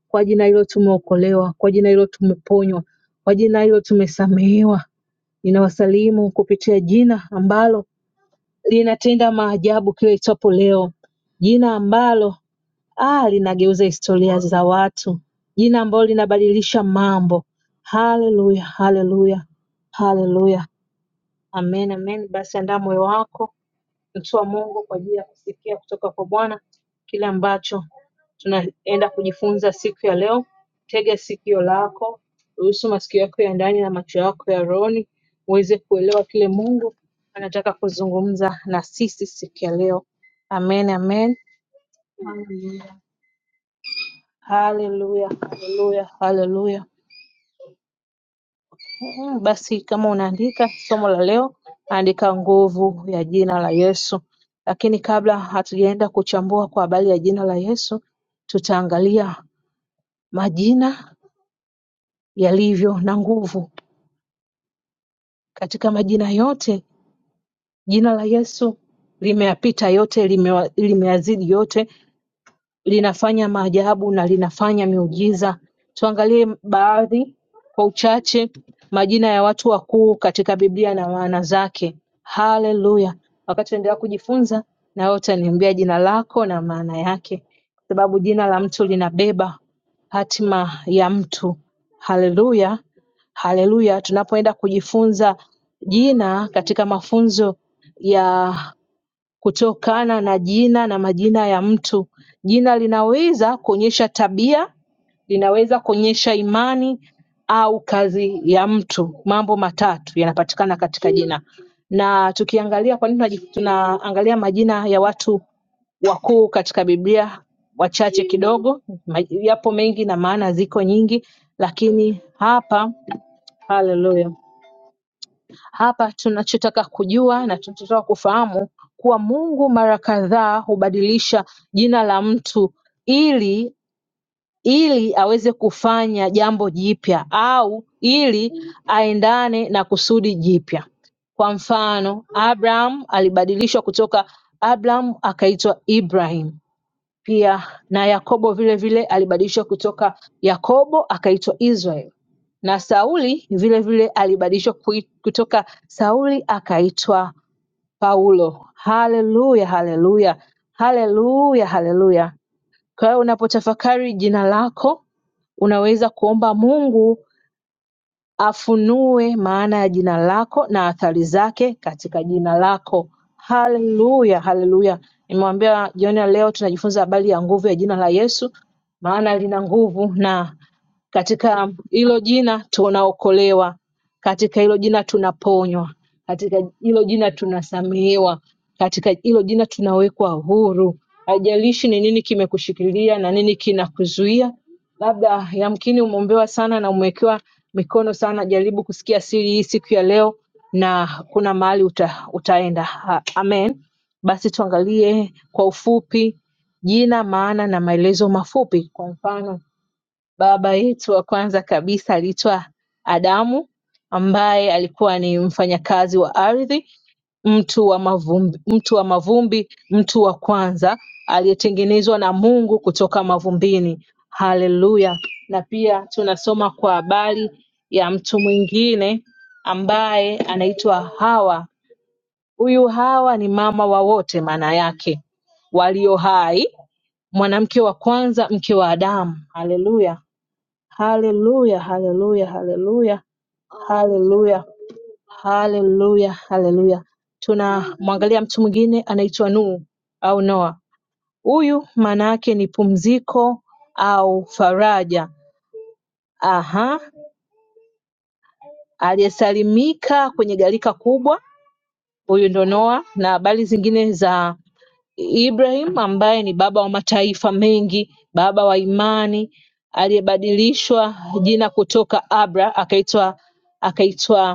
S3: Kwa jina hilo tumeokolewa, kwa jina hilo tumeponywa, kwa jina hilo tumesamehewa. Ninawasalimu kupitia jina ambalo linatenda maajabu kila itwapo leo, jina ambalo ah, linageuza historia za watu, jina ambalo linabadilisha mambo. Haleluya, haleluya, haleluya, amen, amen. Basi andaa moyo wako kumshukuru Mungu kwa ajili ya kusikia kutoka kwa Bwana kile ambacho tunaenda kujifunza siku ya leo. Tega sikio lako, ruhusu masikio yako ya ndani na macho yako ya rohoni uweze kuelewa kile Mungu anataka kuzungumza na sisi siku ya leo. Amen, amen. Haleluya, haleluya, haleluya. Eh, Basi kama unaandika somo la leo andika nguvu ya jina la Yesu. Lakini kabla hatujaenda kuchambua kwa habari ya jina la Yesu, tutaangalia majina yalivyo na nguvu. Katika majina yote, jina la Yesu limeyapita yote, limewa- limeyazidi yote, linafanya maajabu na linafanya miujiza. Tuangalie baadhi kwa uchache majina ya watu wakuu katika Biblia na maana zake. Haleluya! Wakati tunaendelea kujifunza, na wewe utaniambia jina lako na maana yake, kwa sababu jina la mtu linabeba hatima ya mtu. Haleluya, haleluya! Tunapoenda kujifunza jina katika mafunzo ya kutokana na jina na majina ya mtu. Jina linaweza kuonyesha tabia, linaweza kuonyesha imani au kazi ya mtu. Mambo matatu yanapatikana katika jina. Na tukiangalia kwa nini tunaji- tunaangalia majina ya watu wakuu katika Biblia, wachache kidogo, ma- yapo mengi na maana ziko nyingi, lakini hapa haleluya hapa tunachotaka kujua na tunachotaka kufahamu kuwa Mungu mara kadhaa hubadilisha jina la mtu ili ili aweze kufanya jambo jipya au ili aendane na kusudi jipya. Kwa mfano, Abraham alibadilishwa kutoka Abraham akaitwa Ibrahim pia na Yakobo vile vile alibadilishwa kutoka Yakobo akaitwa Israel, na Sauli vile vile alibadilishwa kui- kutoka Sauli akaitwa Paulo. Haleluya, haleluya, haleluya, haleluya! Kwa hiyo unapotafakari jina lako unaweza kuomba Mungu afunue maana ya jina lako na athari zake katika jina lako. Haleluya, haleluya. Nimewambia jioni ya leo tunajifunza habari ya nguvu ya jina la Yesu, maana lina nguvu na katika hilo jina tunaokolewa, katika hilo jina tunaponywa, katika hilo jina tunasamehewa, katika hilo jina tunawekwa huru. Haijalishi ni nini kimekushikilia na nini kinakuzuia. Labda yamkini umeombewa sana na umewekewa mikono sana. Jaribu kusikia siri hii siku ya leo, na kuna mahali uta, utaenda. Ha, amen. Basi tuangalie kwa ufupi jina, maana na maelezo mafupi. Kwa mfano Baba yetu wa kwanza kabisa aliitwa Adamu ambaye alikuwa ni mfanyakazi wa ardhi, mtu wa mavumbi, mtu wa mavumbi, mtu wa kwanza aliyetengenezwa na Mungu kutoka mavumbini. Haleluya! Na pia tunasoma kwa habari ya mtu mwingine ambaye anaitwa Hawa. Huyu Hawa ni mama wa wote maana yake walio hai, mwanamke wa kwanza, mke wa Adamu. Haleluya! Haleluya, haleluya, haleluya, haleluya, haleluya, haleluya. Tunamwangalia mtu mwingine anaitwa Nuhu au Noa. Huyu maana yake ni pumziko au faraja. Aha, aliyesalimika kwenye gharika kubwa, huyu ndo Noa, na habari zingine za Ibrahim ambaye ni baba wa mataifa mengi, baba wa imani, aliyebadilishwa jina kutoka Abra akaitwa akaitwa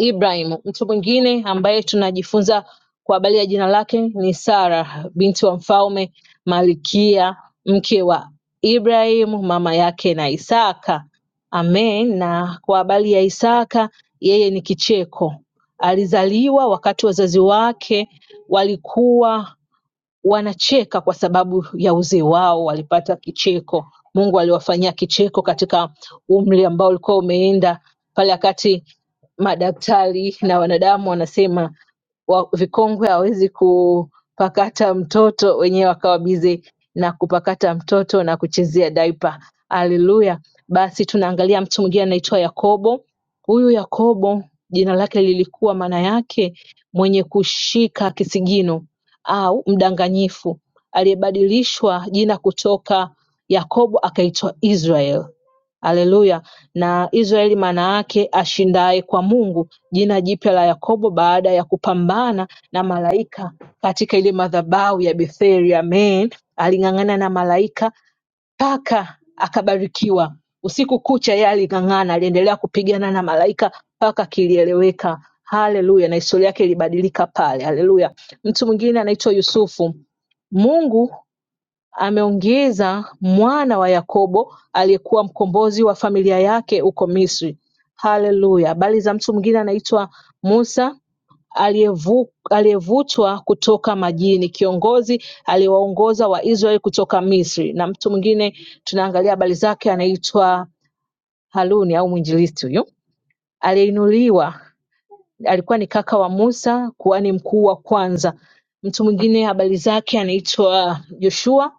S3: Ibrahim. Mtu mwingine ambaye tunajifunza kwa habari ya jina lake ni Sara, binti wa mfalme Malkia, mke wa Ibrahim, mama yake na Isaka. Amen. Na kwa habari ya Isaka, yeye ni kicheko. Alizaliwa wakati wazazi wake walikuwa wanacheka kwa sababu ya uzee wao, walipata kicheko. Mungu aliwafanyia kicheko katika umri ambao ulikuwa umeenda pale, wakati madaktari na wanadamu wanasema wa, vikongwe hawezi kupakata mtoto, wenyewe wakawa bize na kupakata mtoto na kuchezea daipa. Haleluya! Basi tunaangalia mtu mwingine anaitwa Yakobo. Huyu Yakobo jina lake lilikuwa maana yake mwenye kushika kisigino au mdanganyifu aliyebadilishwa jina kutoka Yakobo akaitwa Israel haleluya na Israeli maana yake ashindaye kwa Mungu, jina jipya la Yakobo baada ya kupambana na malaika katika ile madhabahu ya Betheli. Amen. Aling'ang'ana na malaika Paka akabarikiwa usiku kucha yeye aling'ang'ana aliendelea kupigana na malaika mpaka kilieleweka haleluya na historia yake ilibadilika pale haleluya mtu mwingine anaitwa yusufu mungu ameongeza mwana wa yakobo aliyekuwa mkombozi wa familia yake huko misri haleluya habari za mtu mwingine anaitwa musa aliyevutwa kutoka majini, kiongozi aliyewaongoza Waisraeli kutoka Misri, na mtu mwingine tunaangalia habari zake anaitwa Haruni au mwinjilisti huyu aliyeinuliwa alikuwa ni kaka wa Musa, kuhani mkuu wa kwanza. Mtu mwingine habari zake anaitwa Yoshua.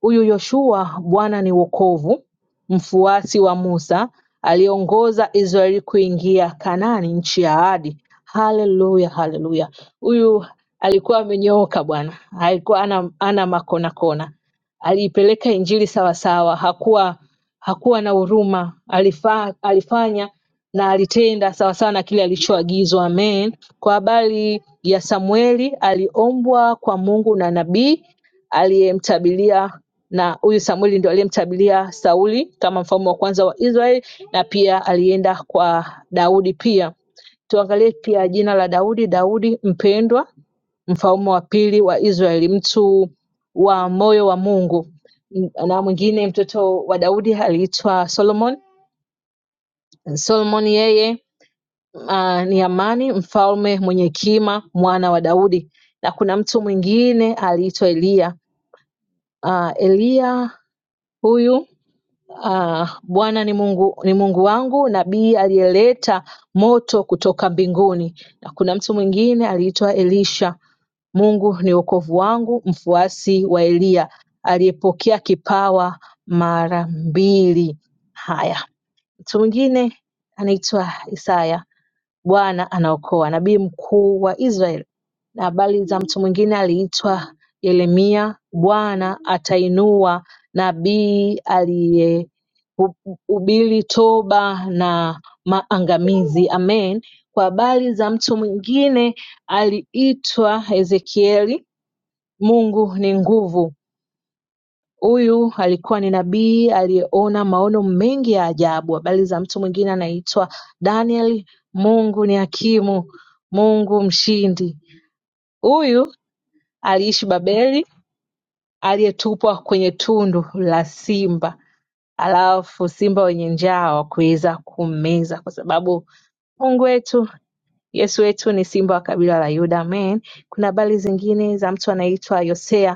S3: Huyu Yoshua, Bwana ni wokovu, mfuasi wa Musa, aliongoza Israeli kuingia Kanaani, nchi ya ahadi. Haleluya, haleluya! Huyu alikuwa amenyooka Bwana, alikuwa ana, ana makonakona, aliipeleka injili sawasawa, hakuwa hakuwa na huruma, alifa, alifanya na alitenda sawasawa na kile alichoagizwa. Amen. Kwa habari ya Samueli, aliombwa kwa Mungu na nabii aliyemtabilia na huyu Samueli ndio aliyemtabilia Sauli kama mfalme wa kwanza wa Israeli, na pia alienda kwa Daudi pia. Tuangalie pia jina la Daudi, Daudi mpendwa, mfalme wa pili wa Israeli, mtu wa moyo wa Mungu. Na mwingine mtoto wa Daudi aliitwa Solomon. Solomon yeye ah, ni Amani, mfalme mwenye hekima, mwana wa Daudi, na kuna mtu mwingine aliitwa Eliya. Ah, Eliya huyu ah, Bwana ni Mungu, ni Mungu wangu, nabii aliyeleta moto kutoka mbinguni, na kuna mtu mwingine aliitwa Elisha, Mungu ni wokovu wangu, mfuasi wa Eliya aliyepokea kipawa mara mbili. Haya, mtu mwingine anaitwa Isaya Bwana anaokoa nabii mkuu wa Israeli. Na habari za mtu mwingine aliitwa Yeremia, Bwana atainua nabii aliyehubiri toba na maangamizi. Amen. Kwa habari za mtu mwingine aliitwa Ezekieli, Mungu ni nguvu. Huyu alikuwa ni nabii aliyeona maono mengi ya ajabu. Habari za mtu mwingine anaitwa Daniel. Mungu ni hakimu, Mungu mshindi. Huyu aliishi Babeli, aliyetupwa kwenye tundu la simba, alafu simba wenye njaa wakuweza kummeza, kwa sababu Mungu wetu Yesu wetu ni simba wa kabila la Yuda. Amen. Kuna habari zingine za mtu anaitwa Yosea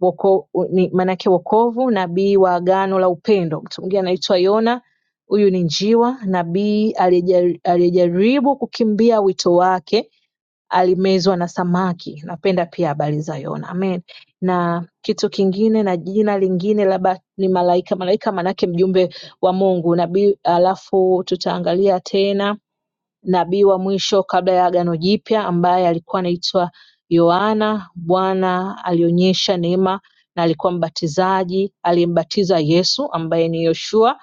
S3: woko, ni maanake wokovu, nabii wa agano la upendo. Mtu mwingine anaitwa Yona, huyu ni njiwa, nabii aliyeja- aliyejaribu kukimbia wito wake alimezwa na samaki. Napenda pia habari za Yona. Amen. Na kitu kingine na jina lingine labda ni malaika, malaika maanake mjumbe wa Mungu, nabii. Alafu tutaangalia tena nabii wa mwisho kabla ya Agano Jipya ambaye alikuwa anaitwa Yohana. Bwana alionyesha neema na alikuwa mbatizaji aliyembatiza Yesu ambaye ni Yoshua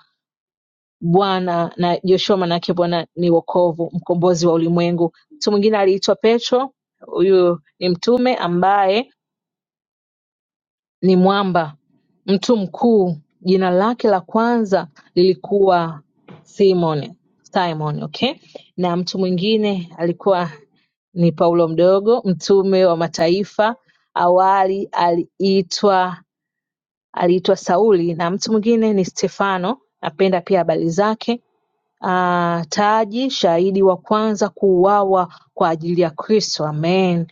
S3: Bwana na Joshua manake Bwana ni wokovu, mkombozi wa ulimwengu. Mtu mwingine aliitwa Petro, huyu ni mtume ambaye ni mwamba, mtu mkuu. Jina lake la kwanza lilikuwa Simon, Simon, okay? Na mtu mwingine alikuwa ni Paulo mdogo mtume wa mataifa awali aliitwa aliitwa Sauli na mtu mwingine ni Stefano napenda pia habari zake Ah, Taji shahidi wa kwanza kuuawa kwa ajili ya Kristo amen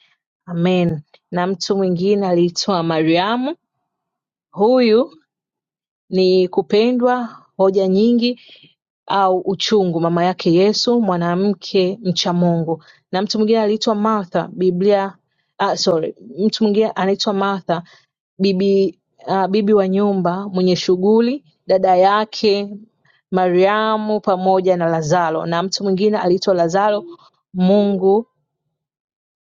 S3: amen na mtu mwingine aliitwa Mariamu huyu ni kupendwa hoja nyingi au uchungu mama yake Yesu mwanamke mchamungu na mtu mwingine aliitwa Martha Biblia ah, sorry mtu mwingine anaitwa Martha bibi ah, bibi wa nyumba mwenye shughuli dada yake Mariamu pamoja na Lazaro na mtu mwingine aliitwa Lazaro Mungu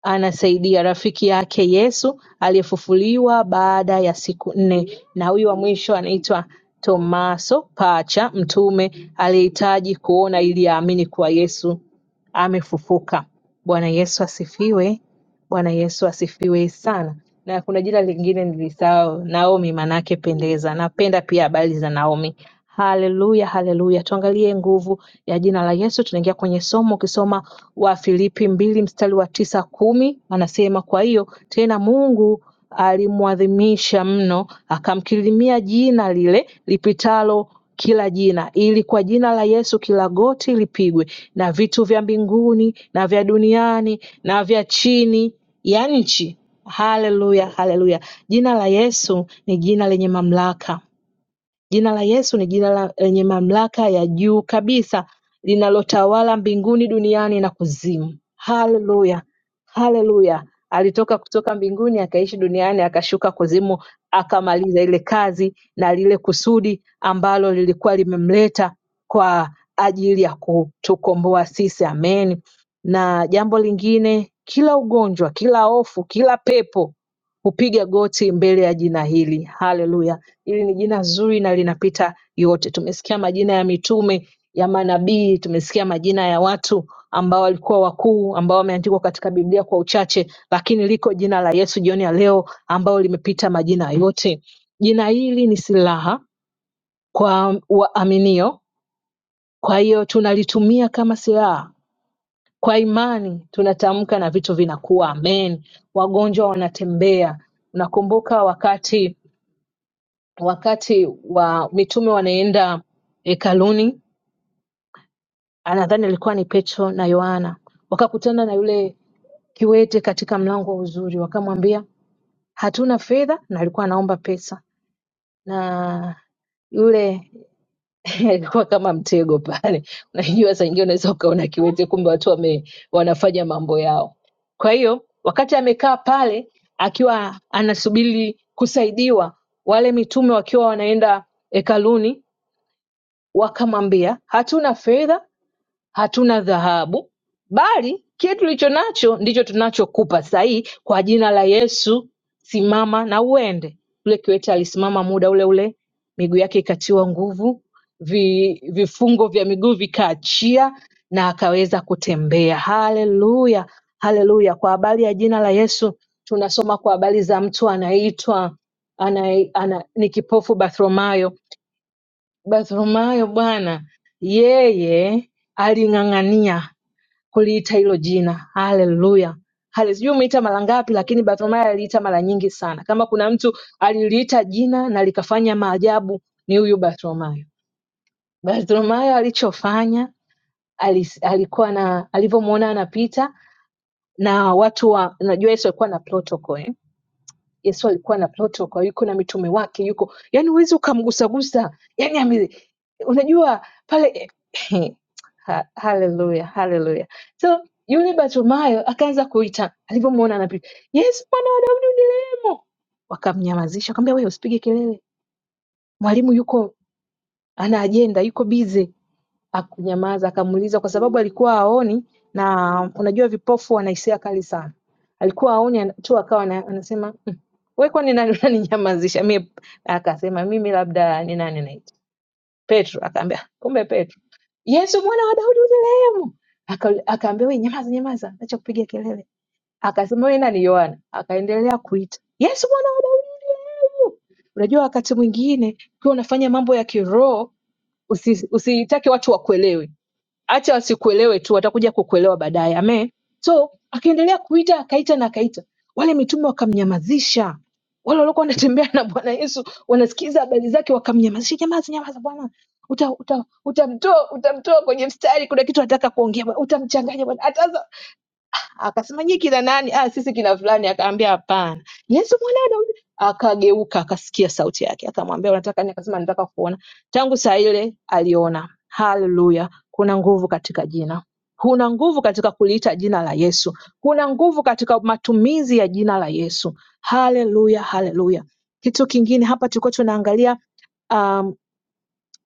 S3: anasaidia rafiki yake Yesu aliyefufuliwa baada ya siku nne na huyu wa mwisho anaitwa Tomaso Pacha mtume aliyehitaji kuona ili aamini kuwa Yesu amefufuka. Bwana Yesu asifiwe. Bwana Yesu asifiwe sana. Na kuna jina lingine nilisahau, Naomi manake pendeza. Napenda pia habari za Naomi. Haleluya, haleluya. Tuangalie nguvu ya jina la Yesu. Tunaingia kwenye somo, ukisoma wa Filipi mbili mstari wa tisa kumi, anasema kwa hiyo tena Mungu alimuadhimisha mno akamkirimia jina lile lipitalo kila jina, ili kwa jina la Yesu kila goti lipigwe, na vitu vya mbinguni na vya duniani na vya chini ya nchi. Haleluya, haleluya! Jina la Yesu ni jina lenye mamlaka. Jina la Yesu ni jina lenye mamlaka ya juu kabisa linalotawala mbinguni, duniani na kuzimu. Haleluya, haleluya! Alitoka kutoka mbinguni akaishi duniani akashuka kuzimu, akamaliza ile kazi na lile kusudi ambalo lilikuwa limemleta kwa ajili ya kutukomboa sisi. Amen. Na jambo lingine, kila ugonjwa, kila hofu, kila pepo hupiga goti mbele ya jina hili. Haleluya! Hili ni jina zuri na linapita yote. Tumesikia majina ya mitume, ya manabii, tumesikia majina ya watu ambao walikuwa wakuu ambao wameandikwa katika Biblia kwa uchache, lakini liko jina la Yesu jioni ya leo ambalo limepita majina yote. Jina hili ni silaha kwa waaminio, kwa hiyo tunalitumia kama silaha. Kwa imani tunatamka na vitu vinakuwa, amen. Wagonjwa wanatembea. Nakumbuka wakati wakati wa mitume wanaenda hekaluni, anadhani alikuwa ni Petro na Yohana, wakakutana na yule kiwete katika mlango wa uzuri, wakamwambia hatuna fedha, na alikuwa anaomba pesa, na yule alikuwa kama mtego pale. Unajua, saa nyingine unaweza ukaona kiwete, kumbe watu wame, wanafanya mambo yao. Kwa hiyo wakati amekaa pale akiwa anasubiri kusaidiwa, wale mitume wakiwa wanaenda hekaluni Wakamwambia hatuna fedha hatuna dhahabu bali kile tulicho nacho ndicho tunachokupa sahii kwa jina la Yesu simama na uende yule kiwete alisimama muda ule ule miguu yake ikatiwa nguvu vi, vifungo vya miguu vikaachia na akaweza kutembea haleluya haleluya kwa habari ya jina la Yesu tunasoma kwa habari za mtu anaitwa ana, ana, ni kipofu Bartholomayo Bartholomayo Bwana yeye aling'ang'ania kuliita hilo jina. Haleluya. Hale, sijui umeita mara ngapi, lakini Bartholomayo aliita mara nyingi sana. Kama kuna mtu aliliita jina na likafanya maajabu ni huyu Bartholomayo. Bartholomayo alichofanya alis, alikuwa na alivyomwona anapita na watu wa, unajua Yesu alikuwa na protocol eh? Yesu alikuwa na protocol, yuko na mitume wake, yuko yani, huwezi ukamgusagusa yani ame, unajua pale eh, Ha- haleluya, haleluya. So yule Bartimayo akaanza kuita, alivyomwona anapita, Yesu mwalimu, wakamnyamazisha, akamwambia wewe usipige kelele, mwalimu yuko ana ajenda, yuko busy. Hakunyamaza akamuuliza kwa sababu alikuwa haoni na unajua vipofu wana hisia kali sana. Alikuwa haoni ana- tu akawa ana- anasema "Mm, we kwani nani unaninyamazisha? Mie akasema mimi labda ni nani naitwa Petro. Akaambia kumbe Petro, Yesu mwana wa Daudi unirehemu. Aka- Akaambia we nyamaza, nyamaza, acha kupiga kelele. Akasema we nani Yohana? Akaendelea kuita Yesu mwana wa Daudi unirehemu. Unajua wakati mwingine ukiwa unafanya mambo ya kiroho usi- usitake watu wakuelewe hata wasikuelewe tu, watakuja kukuelewa baadaye. Amen. So akaendelea kuita, akaita na akaita, wale mitume wakamnyamazisha. Wale waliokuwa wanatembea na Bwana Yesu wanasikiza habari zake, wakamnyamazisha. Nyamaza, nyamaza, Bwana uta, uta, utamtoa utamtoa kwenye mstari, kuna kitu anataka kuongea Bwana, utamchanganya Bwana, Hata Akasema nyie kina nani? Ah, sisi kina fulani. Akaambia hapana, Yesu mwana wa Daudi. Akageuka akasikia sauti yake, akamwambia unataka nini? Akasema nataka kuona. Tangu saa ile aliona. Haleluya! Kuna nguvu katika jina, kuna nguvu katika kuliita jina la Yesu, kuna nguvu katika matumizi ya jina la Yesu. Haleluya, haleluya! Kitu kingine hapa tulikuwa tunaangalia um,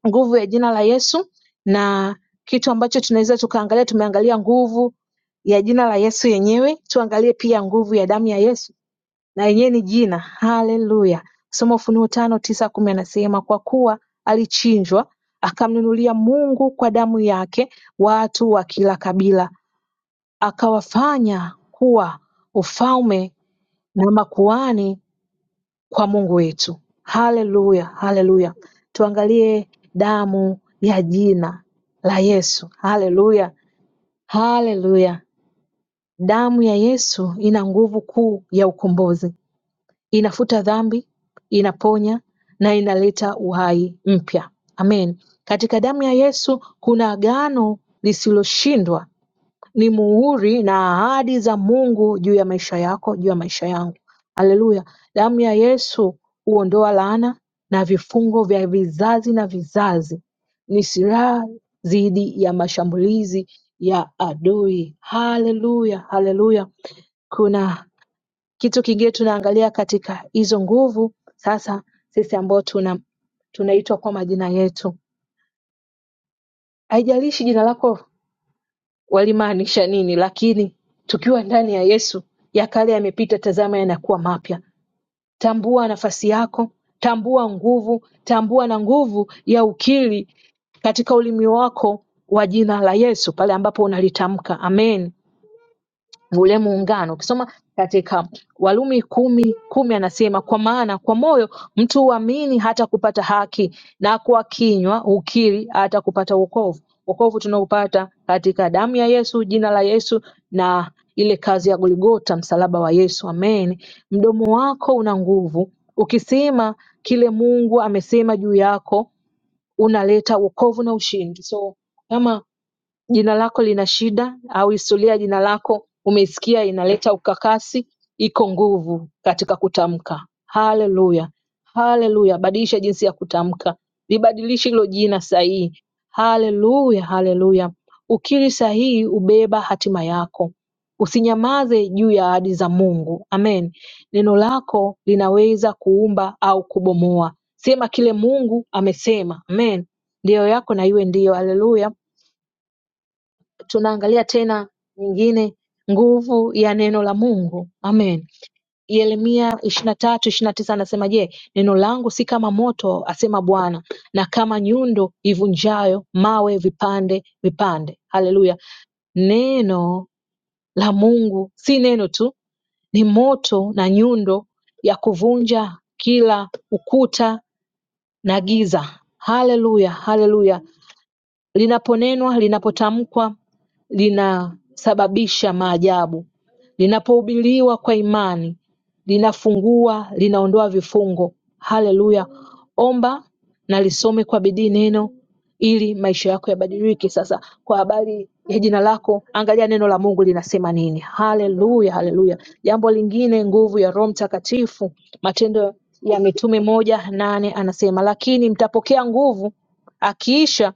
S3: nguvu ya jina la Yesu na kitu ambacho tunaweza tukaangalia, tumeangalia nguvu ya jina la Yesu yenyewe, tuangalie pia nguvu ya damu ya Yesu na yenyewe ni jina. Haleluya! Soma Ufunuo tano tisa kumi anasema kwa kuwa alichinjwa akamnunulia Mungu kwa damu yake watu wa kila kabila, akawafanya kuwa ufalme na makuhani kwa Mungu wetu. Haleluya, haleluya! Tuangalie damu ya jina la Yesu. Haleluya, haleluya! Damu ya Yesu ina nguvu kuu ya ukombozi, inafuta dhambi, inaponya na inaleta uhai mpya. Amen. Katika damu ya Yesu kuna agano lisiloshindwa ni muhuri na ahadi za Mungu juu ya maisha yako, juu ya maisha yangu. Haleluya! Damu ya Yesu huondoa laana na vifungo vya vizazi na vizazi, ni silaha dhidi ya mashambulizi ya adui. Haleluya, haleluya! Kuna kitu kingine tunaangalia katika hizo nguvu. Sasa sisi ambao tuna tunaitwa kwa majina yetu, haijalishi jina lako walimaanisha nini Lakini tukiwa ndani ya Yesu ya kale yamepita tazama yanakuwa mapya tambua nafasi yako tambua nguvu tambua na nguvu ya ukiri katika ulimi wako wa jina la Yesu pale ambapo unalitamka amen ule muungano. Ukisoma katika Warumi kumi kumi anasema kwa maana kwa moyo mtu huamini hata kupata haki, na kwa kinywa hukiri hata kupata wokovu. Wokovu tunaopata katika damu ya Yesu, jina la Yesu na ile kazi ya Golgota, msalaba wa Yesu. Amen. Mdomo wako una nguvu, ukisema kile Mungu amesema juu yako unaleta wokovu na ushindi. So kama jina lako lina shida au historia ya jina lako umeisikia inaleta ukakasi, iko nguvu katika kutamka. Haleluya, haleluya! Badilisha jinsi ya kutamka, libadilishe hilo jina sahihi. Haleluya, haleluya! Ukiri sahihi ubeba hatima yako, usinyamaze juu ya ahadi za Mungu. Amen. Neno lako linaweza kuumba au kubomoa. Sema kile Mungu amesema. Amen. Ndiyo yako na iwe ndiyo. Haleluya tunaangalia tena nyingine nguvu ya neno la mungu amen yeremia ishiri na tatu ishiri na tisa anasema je neno langu si kama moto asema bwana na kama nyundo ivunjayo mawe vipande vipande haleluya neno la mungu si neno tu ni moto na nyundo ya kuvunja kila ukuta na giza haleluya haleluya linaponenwa linapotamkwa linasababisha maajabu linapohubiriwa kwa imani linafungua linaondoa vifungo haleluya omba na lisome kwa bidii neno ili maisha yako yabadilike sasa kwa habari ya jina lako angalia neno la mungu linasema nini haleluya haleluya jambo lingine nguvu ya roho mtakatifu matendo ya mitume moja nane anasema lakini mtapokea nguvu akiisha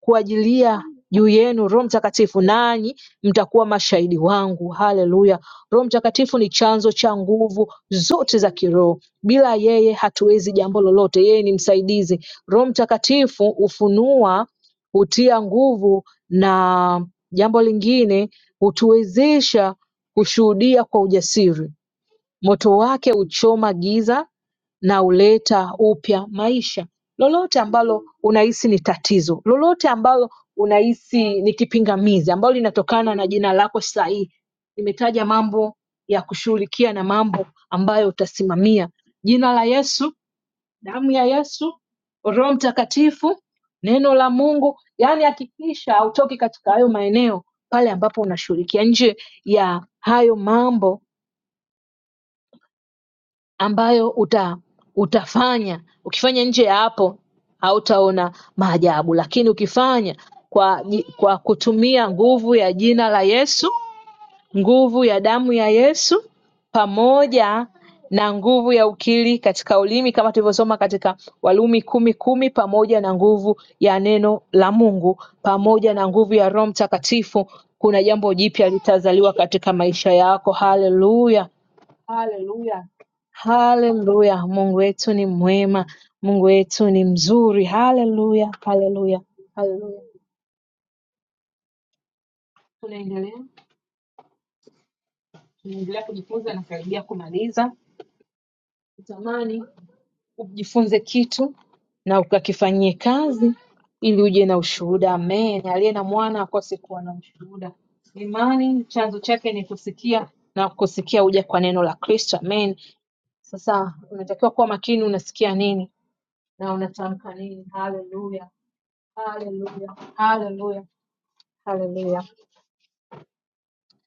S3: kuajilia juu yenu Roho Mtakatifu, nanyi mtakuwa mashahidi wangu. Haleluya! Roho Mtakatifu ni chanzo cha nguvu zote za kiroho. Bila yeye hatuwezi jambo lolote. Yeye ni msaidizi. Roho Mtakatifu hufunua, hutia nguvu, na jambo lingine hutuwezesha kushuhudia kwa ujasiri. Moto wake huchoma giza na huleta upya maisha. Lolote ambalo unahisi ni tatizo, lolote ambalo unahisi ni kipingamizi ambalo linatokana na jina lako sahihi. Nimetaja mambo ya kushughulikia na mambo ambayo utasimamia: jina la Yesu, damu ya Yesu, Roho Mtakatifu, neno la Mungu. Yaani hakikisha hautoki katika hayo maeneo pale ambapo unashughulikia. Nje ya hayo mambo ambayo uta utafanya. Ukifanya nje ya hapo hautaona maajabu, lakini ukifanya kwa, ji- kwa kutumia nguvu ya jina la Yesu, nguvu ya damu ya Yesu pamoja na nguvu ya ukiri katika ulimi kama tulivyosoma katika Walumi kumi kumi, pamoja na nguvu ya neno la Mungu pamoja na nguvu ya Roho Mtakatifu, kuna jambo jipya litazaliwa katika maisha yako. Haleluya! Haleluya, haleluya! Mungu wetu ni mwema, Mungu wetu ni mzuri. Haleluya, haleluya, haleluya! Tunaendelea, tunaendelea kujifunza, nakaribia kumaliza. Tamani ujifunze kitu na ukakifanyie kazi ili uje na ushuhuda. Amen. Aliye na mwana akose kuwa na ushuhuda. Imani chanzo chake ni kusikia na kusikia huja kwa neno la Kristo. Amen. Sasa unatakiwa kuwa makini, unasikia nini na unatamka nini? Haleluya, haleluya, haleluya, haleluya,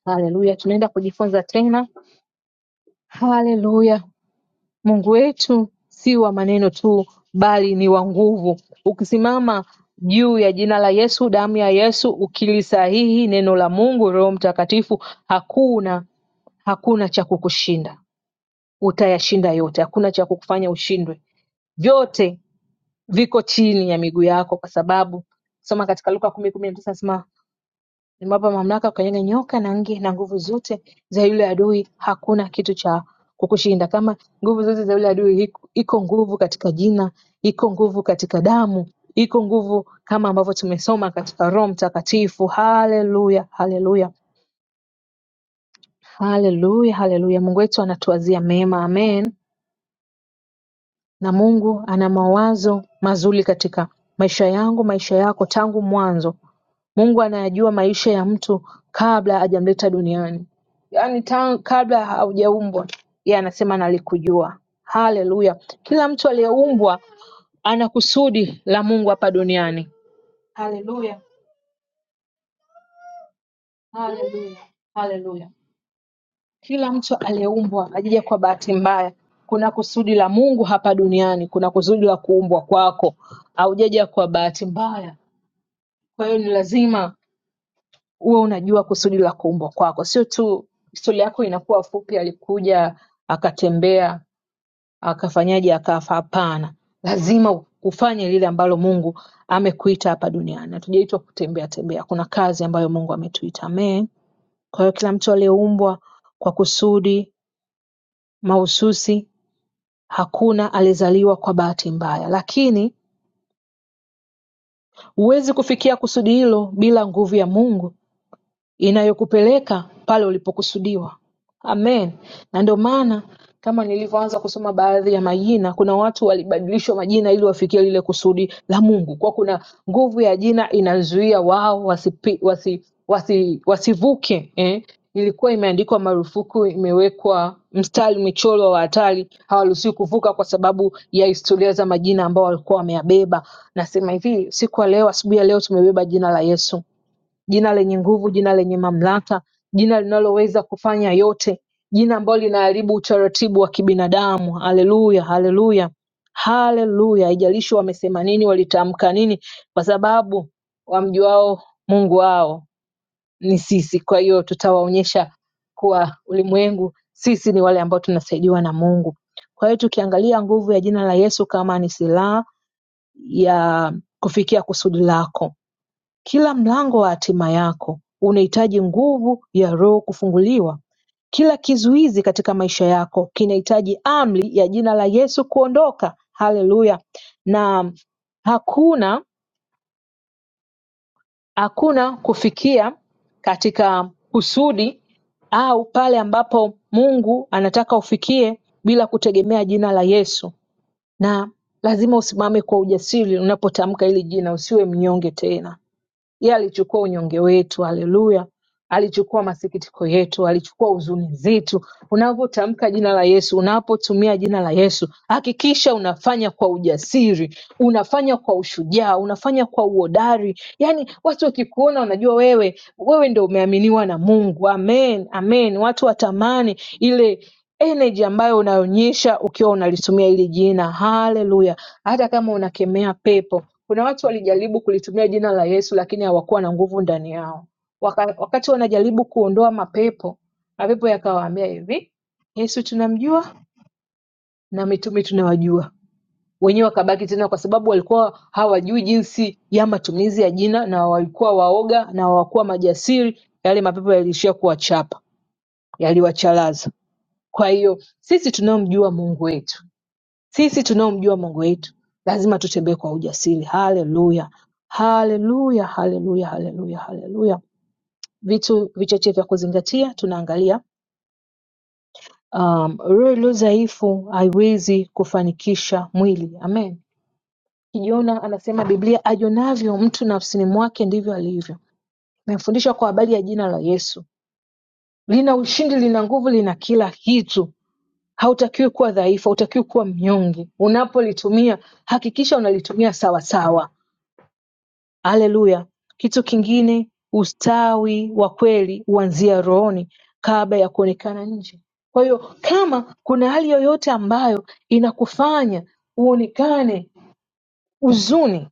S3: haleluya. Tunaenda kujifunza tena. Haleluya, Mungu wetu si wa maneno tu, bali ni wa nguvu. Ukisimama juu ya jina la Yesu, damu ya Yesu, ukilisahihi neno la Mungu, Roho Mtakatifu, hakuna hakuna cha kukushinda. Utayashinda yote, hakuna cha kukufanya ushindwe. Vyote viko chini ya miguu yako, kwa sababu soma katika Luka kumi kumi na tisa nasema Nimewapa mamlaka ya kukanyaga nyoka na nge na nguvu zote za yule adui, hakuna kitu cha kukushinda. Kama nguvu zote za yule adui iko, iko nguvu katika jina, iko nguvu katika damu, iko nguvu kama ambavyo tumesoma katika Roho Mtakatifu. Haleluya, haleluya, haleluya, haleluya. Mungu wetu anatuwazia mema, amen. Na Mungu ana mawazo mazuri katika maisha yangu, maisha yako tangu mwanzo Mungu anayajua maisha ya mtu kabla hajamleta duniani yaani tangu kabla haujaumbwa yeye anasema nalikujua haleluya kila mtu aliyeumbwa ana kusudi la mungu hapa duniani haleluya haleluya haleluya kila mtu aliyeumbwa ajija kwa bahati mbaya kuna kusudi la mungu hapa duniani kuna kusudi la kuumbwa kwako haujaja kwa bahati mbaya kwa hiyo ni lazima uwe unajua kusudi la kuumbwa kwako. Sio tu stori yako inakuwa fupi, alikuja akatembea akafanyaje akafa. Hapana, lazima ufanye lile ambalo Mungu amekuita hapa duniani. Hatujaitwa kutembea tembea, kuna kazi ambayo Mungu ametuita. Amen. Kwa hiyo kila mtu aliyeumbwa kwa kusudi mahususi, hakuna alizaliwa kwa bahati mbaya, lakini huwezi kufikia kusudi hilo bila nguvu ya Mungu inayokupeleka pale ulipokusudiwa Amen na ndio maana kama nilivyoanza kusoma baadhi ya majina kuna watu walibadilishwa majina ili wafikie lile kusudi la Mungu kwa kuna nguvu ya jina inazuia wao wasipi, wasi, wasi, wasivuke eh? ilikuwa imeandikwa marufuku imewekwa mstari michoro wa hatari hawaruhusiwi kuvuka kwa sababu ya historia za majina ambao walikuwa wameyabeba nasema hivi siku ya leo asubuhi ya leo tumebeba jina la yesu jina lenye nguvu, jina lenye mamlaka, jina linaloweza kufanya yote, jina ambalo linaharibu utaratibu wa kibinadamu. Haleluya, haleluya, haleluya! Haijalishi wamesema nini, walitamka nini, kwa sababu wamjuao Mungu wao ni sisi. Kwa hiyo tutawaonyesha kuwa ulimwengu sisi ni wale ambao tunasaidiwa na Mungu. Kwa hiyo tukiangalia nguvu ya jina la Yesu kama ni silaha ya kufikia kusudi lako kila mlango wa hatima yako unahitaji nguvu ya Roho kufunguliwa kila kizuizi katika maisha yako kinahitaji amri ya jina la Yesu kuondoka. Haleluya! Na hakuna hakuna kufikia katika kusudi au pale ambapo Mungu anataka ufikie bila kutegemea jina la Yesu, na lazima usimame kwa ujasiri unapotamka hili jina, usiwe mnyonge tena. Yeye alichukua unyonge wetu, haleluya. Alichukua masikitiko yetu, alichukua huzuni zetu. Unapotamka jina la Yesu, unapotumia jina la Yesu, hakikisha unafanya kwa ujasiri, unafanya kwa ushujaa, unafanya kwa uhodari. Yaani watu wakikuona wanajua wewe, wewe ndio umeaminiwa na Mungu. Amen, amen. Watu watamani ile energy ambayo unaonyesha ukiwa unalitumia hili jina. Haleluya hata kama unakemea pepo. Kuna watu walijaribu kulitumia jina la Yesu lakini hawakuwa na nguvu ndani yao. Waka, wakati wanajaribu kuondoa mapepo, mapepo yakawaambia hivi, Yesu tunamjua na mitume tunawajua. Wenyewe wakabaki tena, kwa sababu walikuwa hawajui jinsi ya matumizi ya jina na walikuwa waoga na hawakuwa majasiri. Yale mapepo yaliishia kuwachapa, yaliwachalaza. Kwa hiyo sisi tunamjua Mungu wetu sisi tunaomjua Mungu wetu lazima tutembee kwa ujasiri. Haleluya, haleluya, haleluya, haleluya, haleluya. Vitu vichache vya kuzingatia, tunaangalia um, roho iliyo dhaifu haiwezi kufanikisha mwili. Amen. Kijona anasema Biblia, ajonavyo mtu nafsini mwake ndivyo alivyo. Nimefundishwa kwa habari ya jina la Yesu, lina ushindi, lina nguvu, lina kila kitu. Hautakiwi kuwa dhaifu, hautakiwi kuwa mnyonge. Unapolitumia hakikisha unalitumia sawasawa Haleluya Kitu kingine ustawi wa kweli huanzia rohoni kabla ya kuonekana nje kwa hiyo kama kuna hali yoyote ambayo inakufanya uonekane huzuni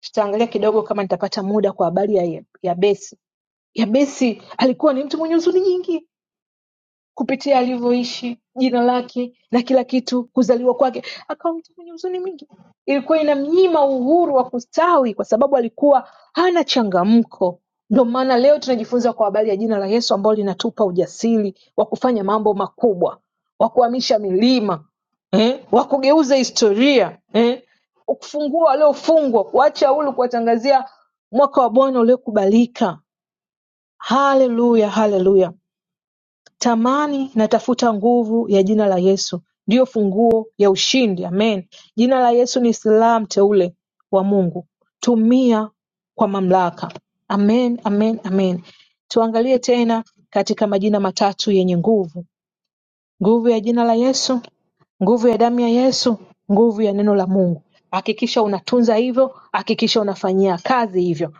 S3: tutaangalia kidogo kama nitapata muda kwa habari ya, ya Yabesi. Yabesi alikuwa ni mtu mwenye huzuni nyingi kupitia alivyoishi jina lake na kila kitu kuzaliwa kwake akawa mtu mwenye huzuni mingi ilikuwa inamnyima uhuru wa kustawi kwa sababu alikuwa hana changamko ndio maana leo tunajifunza kwa habari ya jina la yesu ambalo linatupa ujasiri wa kufanya mambo makubwa wa kuhamisha milima eh? wa kugeuza historia eh? kufungua waliofungwa kuacha huru kuwatangazia mwaka wa bwana uliokubalika haleluya haleluya Tamani natafuta nguvu ya jina la Yesu ndiyo funguo ya ushindi Amen Jina la Yesu ni silaha mteule wa Mungu tumia kwa mamlaka Amen Amen Amen Tuangalie tena katika majina matatu yenye nguvu Nguvu ya jina la Yesu, nguvu ya damu ya Yesu, nguvu ya neno la Mungu. Hakikisha unatunza hivyo, hakikisha unafanyia kazi hivyo.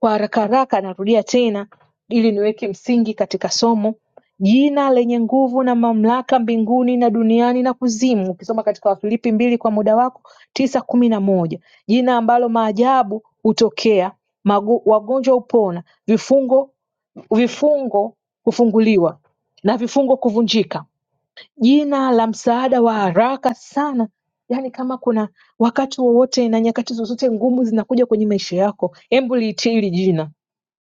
S3: Kwa haraka haraka, narudia tena ili niweke msingi katika somo. Jina lenye nguvu na mamlaka mbinguni na duniani na kuzimu, ukisoma katika Wafilipi mbili kwa muda wako tisa kumi na moja jina ambalo maajabu hutokea, mago- wagonjwa hupona, vifungo vifungo kufunguliwa na vifungo kuvunjika jina la msaada wa haraka sana yaani kama kuna wakati wowote na nyakati zozote ngumu zinakuja kwenye maisha yako hebu liitii hili jina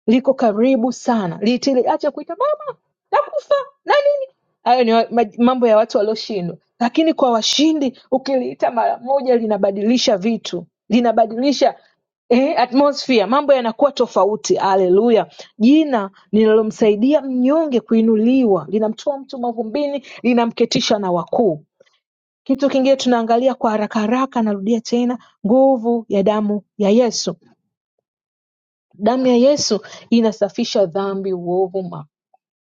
S3: liko karibu sana litiliacha kuita mama nakufa na nini hayo ni wa- ma- mambo ya watu walioshindwa lakini kwa washindi ukiliita mara moja linabadilisha vitu linabadilisha eh, atmosphere mambo yanakuwa tofauti haleluya jina linalomsaidia mnyonge kuinuliwa linamtoa mtu mavumbini linamketisha na wakuu kitu kingine tunaangalia kwa haraka haraka narudia tena nguvu ya damu ya yesu Damu ya Yesu inasafisha dhambi uovu makosa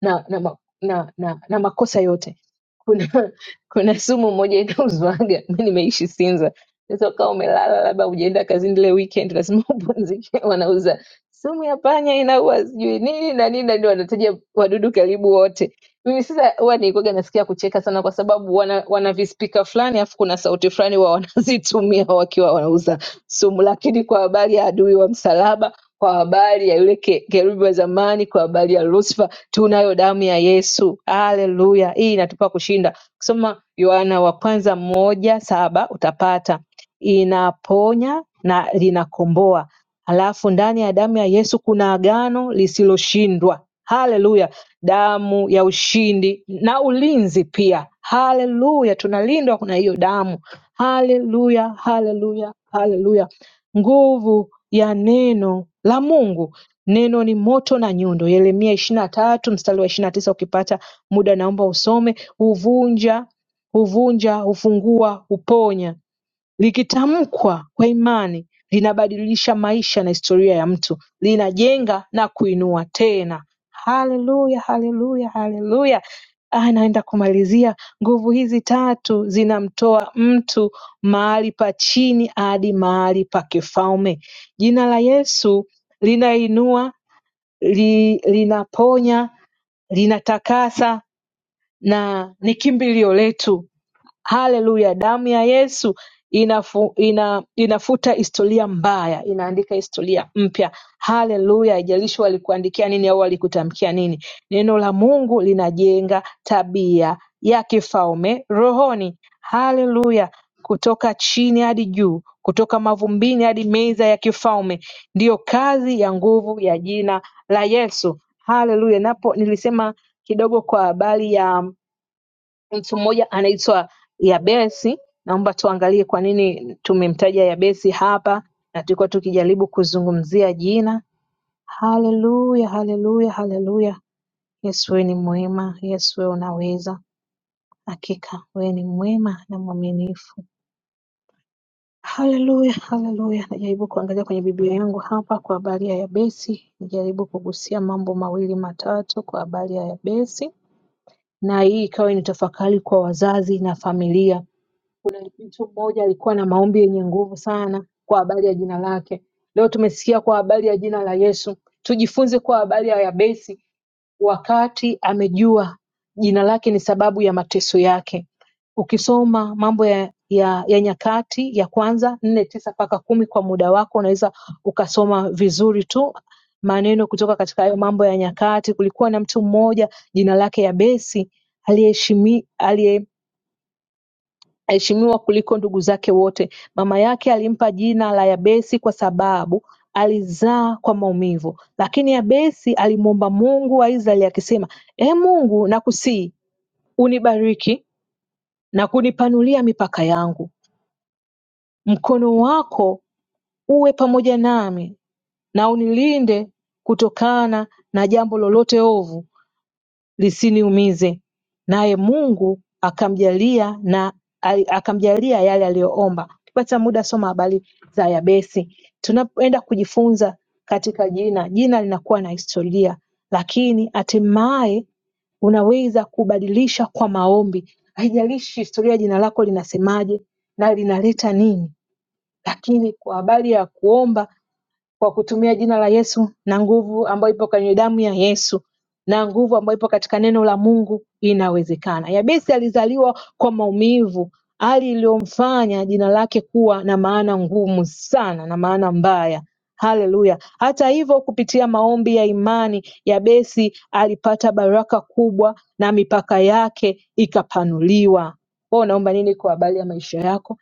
S3: na na, ma- na, na, na makosa yote kuna kuna sumu moja inauzwaga mi nimeishi sinza sasa ukawa umelala labda ujaenda kazini ile weekend lazima upumzike wanauza sumu ya panya inaua sijui nini na nini na nini wanataja wadudu karibu wote mimi sasa huwa nilikuwaga nasikia kucheka sana kwa sababu wana, wana vispika fulani alafu kuna sauti fulani wa wanazitumia wakiwa wanauza sumu lakini kwa habari ya adui wa msalaba kwa habari ya yule ke- kerubi wa zamani kwa habari ya lucifer tunayo damu ya Yesu. Haleluya! Hii inatupa kushinda. Ukisoma Yohana wa kwanza moja saba utapata inaponya na linakomboa. Alafu ndani ya damu ya Yesu kuna agano lisiloshindwa. Haleluya! Damu ya ushindi na ulinzi pia. Haleluya! Tunalindwa kuna hiyo damu. Haleluya, haleluya, haleluya! Nguvu ya neno la Mungu Neno ni moto na nyundo Yeremia ishirini na tatu mstari wa ishirini na tisa ukipata muda naomba usome huvunja huvunja hufungua huponya likitamkwa kwa imani linabadilisha maisha na historia ya mtu linajenga na kuinua tena haleluya haleluya haleluya Ah, naenda kumalizia nguvu hizi tatu zinamtoa mtu mahali pa chini hadi mahali pa kifalme jina la yesu linainua li, linaponya linatakasa na ni kimbilio letu Haleluya damu ya Yesu inafu, ina, inafuta historia mbaya inaandika historia mpya haleluya haijalishi walikuandikia nini au walikutamkia nini neno la Mungu linajenga tabia ya kifalme rohoni haleluya kutoka chini hadi juu kutoka mavumbini hadi meza ya kifalme ndiyo kazi ya nguvu ya jina la Yesu haleluya napo nilisema kidogo kwa habari ya Mtu mmoja anaitwa Yabesi. Naomba tuangalie kwa nini tumemtaja Yabesi hapa, na tulikuwa tukijaribu kuzungumzia jina. Haleluya, haleluya, haleluya! Yesu wewe ni mwema, Yesu wewe unaweza, hakika wewe ni mwema na mwaminifu. Haleluya, haleluya! Najaribu kuangalia kwenye Biblia yangu hapa kwa habari ya Yabesi, nijaribu kugusia mambo mawili matatu kwa habari ya Yabesi, na hii ikawa ni tafakari kwa wazazi na familia Kuna mtu mmoja alikuwa na maombi yenye nguvu sana kwa habari ya jina lake. Leo tumesikia kwa habari ya jina la Yesu. Tujifunze kwa habari ya Yabesi wakati amejua jina lake ni sababu ya mateso yake. Ukisoma mambo ya, ya, ya nyakati ya kwanza nne tisa mpaka kumi kwa muda wako unaweza ukasoma vizuri tu maneno kutoka katika hayo mambo ya nyakati. Kulikuwa na mtu mmoja jina lake Yabesi aliyeheshimi- aliyeheshimiwa Aheshimiwa kuliko ndugu zake wote Mama yake alimpa jina la Yabesi kwa sababu alizaa kwa maumivu lakini Yabesi alimwomba Mungu wa Israeli akisema Ee Mungu nakusihi unibariki na kunipanulia mipaka yangu mkono wako uwe pamoja nami na unilinde kutokana na jambo lolote ovu lisiniumize naye Mungu akamjalia na akamjalia yale aliyoomba. Ukipata muda soma habari za Yabesi. Tunapoenda kujifunza katika jina, jina linakuwa na historia, lakini hatimaye unaweza kubadilisha kwa maombi. Haijalishi historia jina lako linasemaje na linaleta nini, lakini kwa habari ya kuomba kwa kutumia jina la Yesu na nguvu ambayo ipo kwenye damu ya Yesu na nguvu ambayo ipo katika neno la Mungu inawezekana. Yabesi alizaliwa kwa maumivu, hali iliyomfanya jina lake kuwa na maana ngumu sana na maana mbaya. Haleluya! Hata hivyo, kupitia maombi ya imani, Yabesi alipata baraka kubwa na mipaka yake ikapanuliwa. Wewe unaomba nini kwa habari ya maisha yako?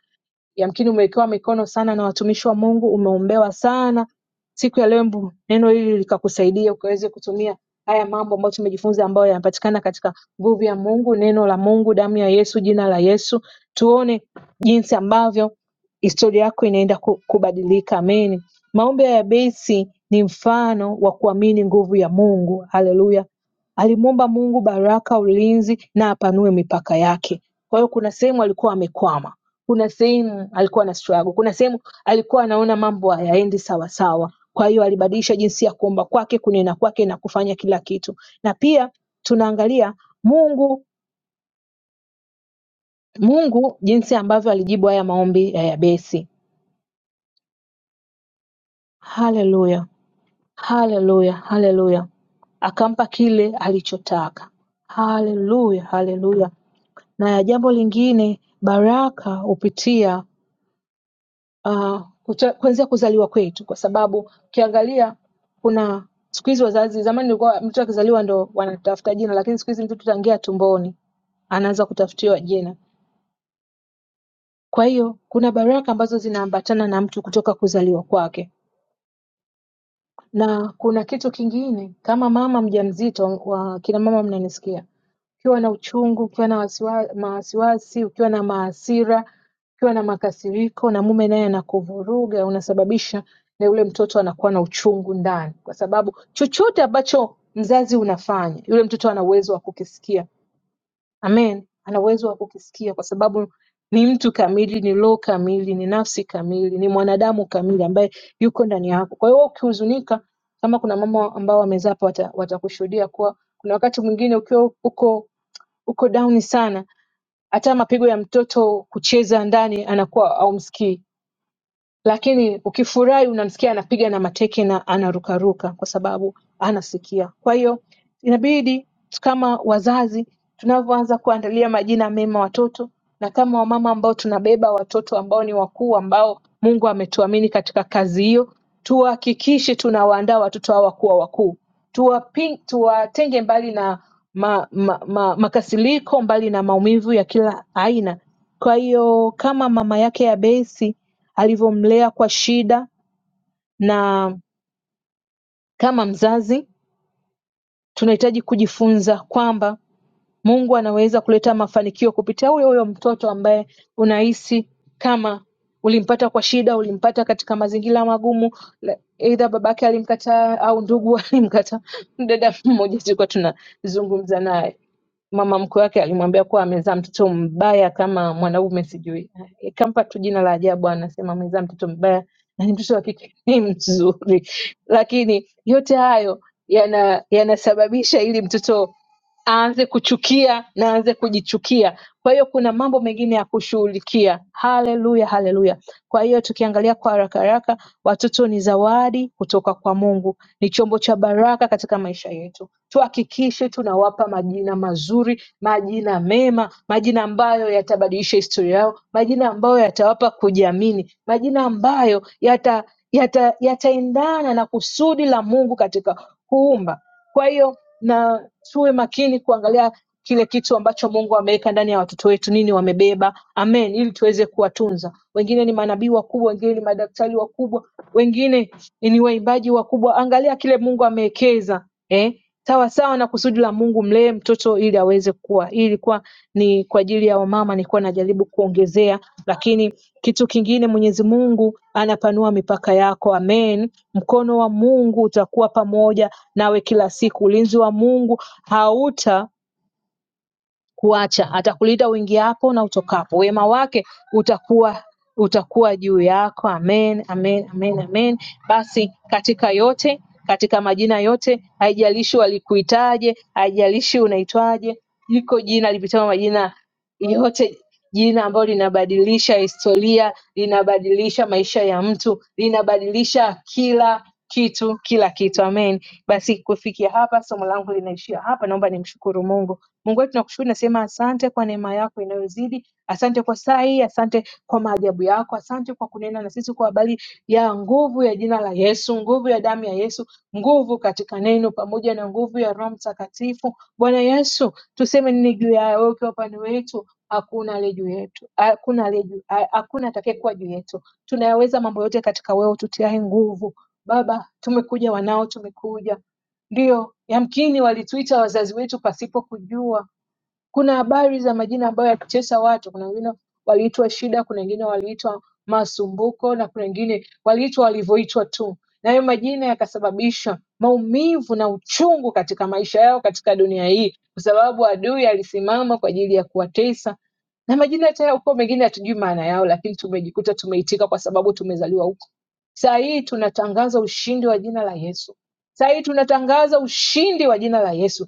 S3: Yamkini umewekewa mikono sana na watumishi wa Mungu, umeombewa sana. Siku ya leo, mbu neno hili likakusaidia ukaweze kutumia haya mambo ambayo tumejifunza, ambayo yanapatikana katika nguvu ya Mungu, neno la Mungu, damu ya Yesu, jina la Yesu. Tuone jinsi ambavyo historia yako inaenda ku- kubadilika. Amen. Maombi ya Yabesi ni mfano wa kuamini nguvu ya Mungu. Haleluya. Alimwomba Mungu baraka, ulinzi na apanue mipaka yake. Kwa hiyo kuna sehemu alikuwa amekwama kuna sehemu alikuwa ana struggle, kuna sehemu alikuwa anaona mambo hayaendi sawasawa. Kwa hiyo alibadilisha jinsi ya kuomba kwake, kunena kwake na kufanya kila kitu. Na pia tunaangalia Mungu, Mungu jinsi ambavyo alijibu haya maombi ya Yabesi. Haleluya, haleluya, haleluya! Akampa kile alichotaka. Haleluya, haleluya! Na ya jambo lingine, baraka hupitia uh, kuta, kuanzia kuzaliwa kwetu, kwa sababu ukiangalia kuna siku hizi wazazi, zamani ilikuwa mtoto akizaliwa ndo wanatafuta jina, lakini siku hizi mtoto tangia tumboni anaanza kutafutiwa jina. Kwa hiyo kuna baraka ambazo zinaambatana na mtu kutoka kuzaliwa kwake. na kuna kitu kingine kama mama mjamzito wa kina mama mnanisikia ukiwa na uchungu ukiwa na wasiwa- mawasiwasi ukiwa na maasira ukiwa na makasiriko na mume naye anakuvuruga unasababisha na yule mtoto anakuwa na uchungu ndani kwa sababu chochote ambacho mzazi unafanya yule mtoto ana uwezo wa kukisikia Amen. Ana uwezo wa kukisikia kwa sababu ni mtu kamili, ni roho kamili, ni nafsi kamili, ni mwanadamu kamili ambaye yuko ndani yako. Kwa hiyo wewe ukihuzunika, kama kuna mama ambao wamezaa hapa wata- watakushuhudia kuwa kuna wakati mwingine ukiwa uko uko down sana, hata mapigo ya mtoto kucheza ndani anakuwa haumsikii lakini ukifurahi unamsikia anapiga na mateke na anarukaruka kwa sababu anasikia. Kwa hiyo inabidi kama wazazi tunavyoanza kuandalia majina mema watoto na kama wamama ambao tunabeba watoto ambao ni wakuu ambao Mungu ametuamini katika kazi hiyo, tuhakikishe tunawaandaa watoto hawa kuwa wakuu, Tuwapi- tuwatenge tuwa mbali na ma, ma, ma, makasiriko, mbali na maumivu ya kila aina. Kwa hiyo kama mama yake Yabesi alivyomlea kwa shida na kama mzazi tunahitaji kujifunza kwamba Mungu anaweza kuleta mafanikio kupitia huyo huyo mtoto ambaye unahisi kama ulimpata kwa shida, ulimpata katika mazingira magumu, la- aidha babake alimkataa au ndugu alimkataa. Dada mmoja tulikuwa tunazungumza naye Mama mkwe wake alimwambia kuwa amezaa mtoto mbaya kama mwanaume sijui. Ikampa tu jina la ajabu anasema amezaa mtoto mbaya na ni mtoto wa kike ni mzuri. Lakini yote hayo yana yanasababisha ili mtoto aanze kuchukia na aanze kujichukia. Kwa hiyo kuna mambo mengine ya kushughulikia. Haleluya, haleluya! Kwa hiyo tukiangalia kwa haraka haraka, watoto ni zawadi kutoka kwa Mungu, ni chombo cha baraka katika maisha yetu. Tuhakikishe tunawapa majina mazuri, majina mema, majina ambayo yatabadilisha historia yao, majina ambayo yatawapa kujiamini, majina ambayo yata yata yataendana na kusudi la Mungu katika kuumba. Kwa hiyo na tuwe makini kuangalia kile kitu ambacho Mungu ameweka ndani ya watoto wetu, nini wamebeba, amen, ili tuweze kuwatunza. Wengine ni manabii wakubwa, wengine ni madaktari wakubwa, wengine ni waimbaji wakubwa. Angalia kile Mungu amewekeza eh, sawa sawa na kusudi la Mungu, mlee mtoto ili aweze kuwa. Hii ilikuwa ni kwa ajili ya wamama, nilikuwa najaribu kuongezea, lakini kitu kingine Mwenyezi Mungu anapanua mipaka yako. Amen. Mkono wa Mungu utakuwa pamoja nawe kila siku. Ulinzi wa Mungu hauta kuacha, atakulinda uingiapo na utokapo. Wema wake utakuwa utakuwa juu yako. Amen, amen, amen, amen. Basi katika yote, katika majina yote, haijalishi walikuitaje, haijalishi unaitwaje, liko jina lipitalo majina yote jina ambalo linabadilisha historia, linabadilisha maisha ya mtu, linabadilisha kila kitu, kila kitu. Amen. Basi kufikia hapa, somo langu linaishia hapa. Naomba nimshukuru Mungu. Mungu wetu, tunakushukuru, nasema asante kwa neema yako inayozidi. Asante kwa saa hii, asante kwa maajabu yako, asante kwa kunena na sisi kwa habari ya nguvu ya jina la Yesu, nguvu ya damu ya Yesu, nguvu katika neno pamoja na nguvu ya Roho Mtakatifu. Bwana Yesu, tuseme nini juu ya wewe ukiwa upande wetu? hakuna aliye juu yetu, hakuna aliye juu, ha- hakuna atakayekuwa juu yetu. Tunayaweza mambo yote katika wewe ututiaye nguvu. Baba, tumekuja wanao, tumekuja ndio, yamkini walituita wazazi wetu pasipo kujua kuna habari za majina ambayo yakitesa watu. Kuna wengine waliitwa Shida, kuna wengine waliitwa Masumbuko na kuna wengine waliitwa walivyoitwa tu, na hayo majina yakasababisha maumivu na uchungu katika maisha yao katika dunia hii, kwa sababu adui alisimama kwa ajili ya kuwatesa na majina hata huko mengine hatujui maana yao, lakini tumejikuta tumeitika kwa sababu tumezaliwa huko. Saa hii tunatangaza ushindi wa jina la Yesu. Saa hii tunatangaza ushindi wa jina la Yesu.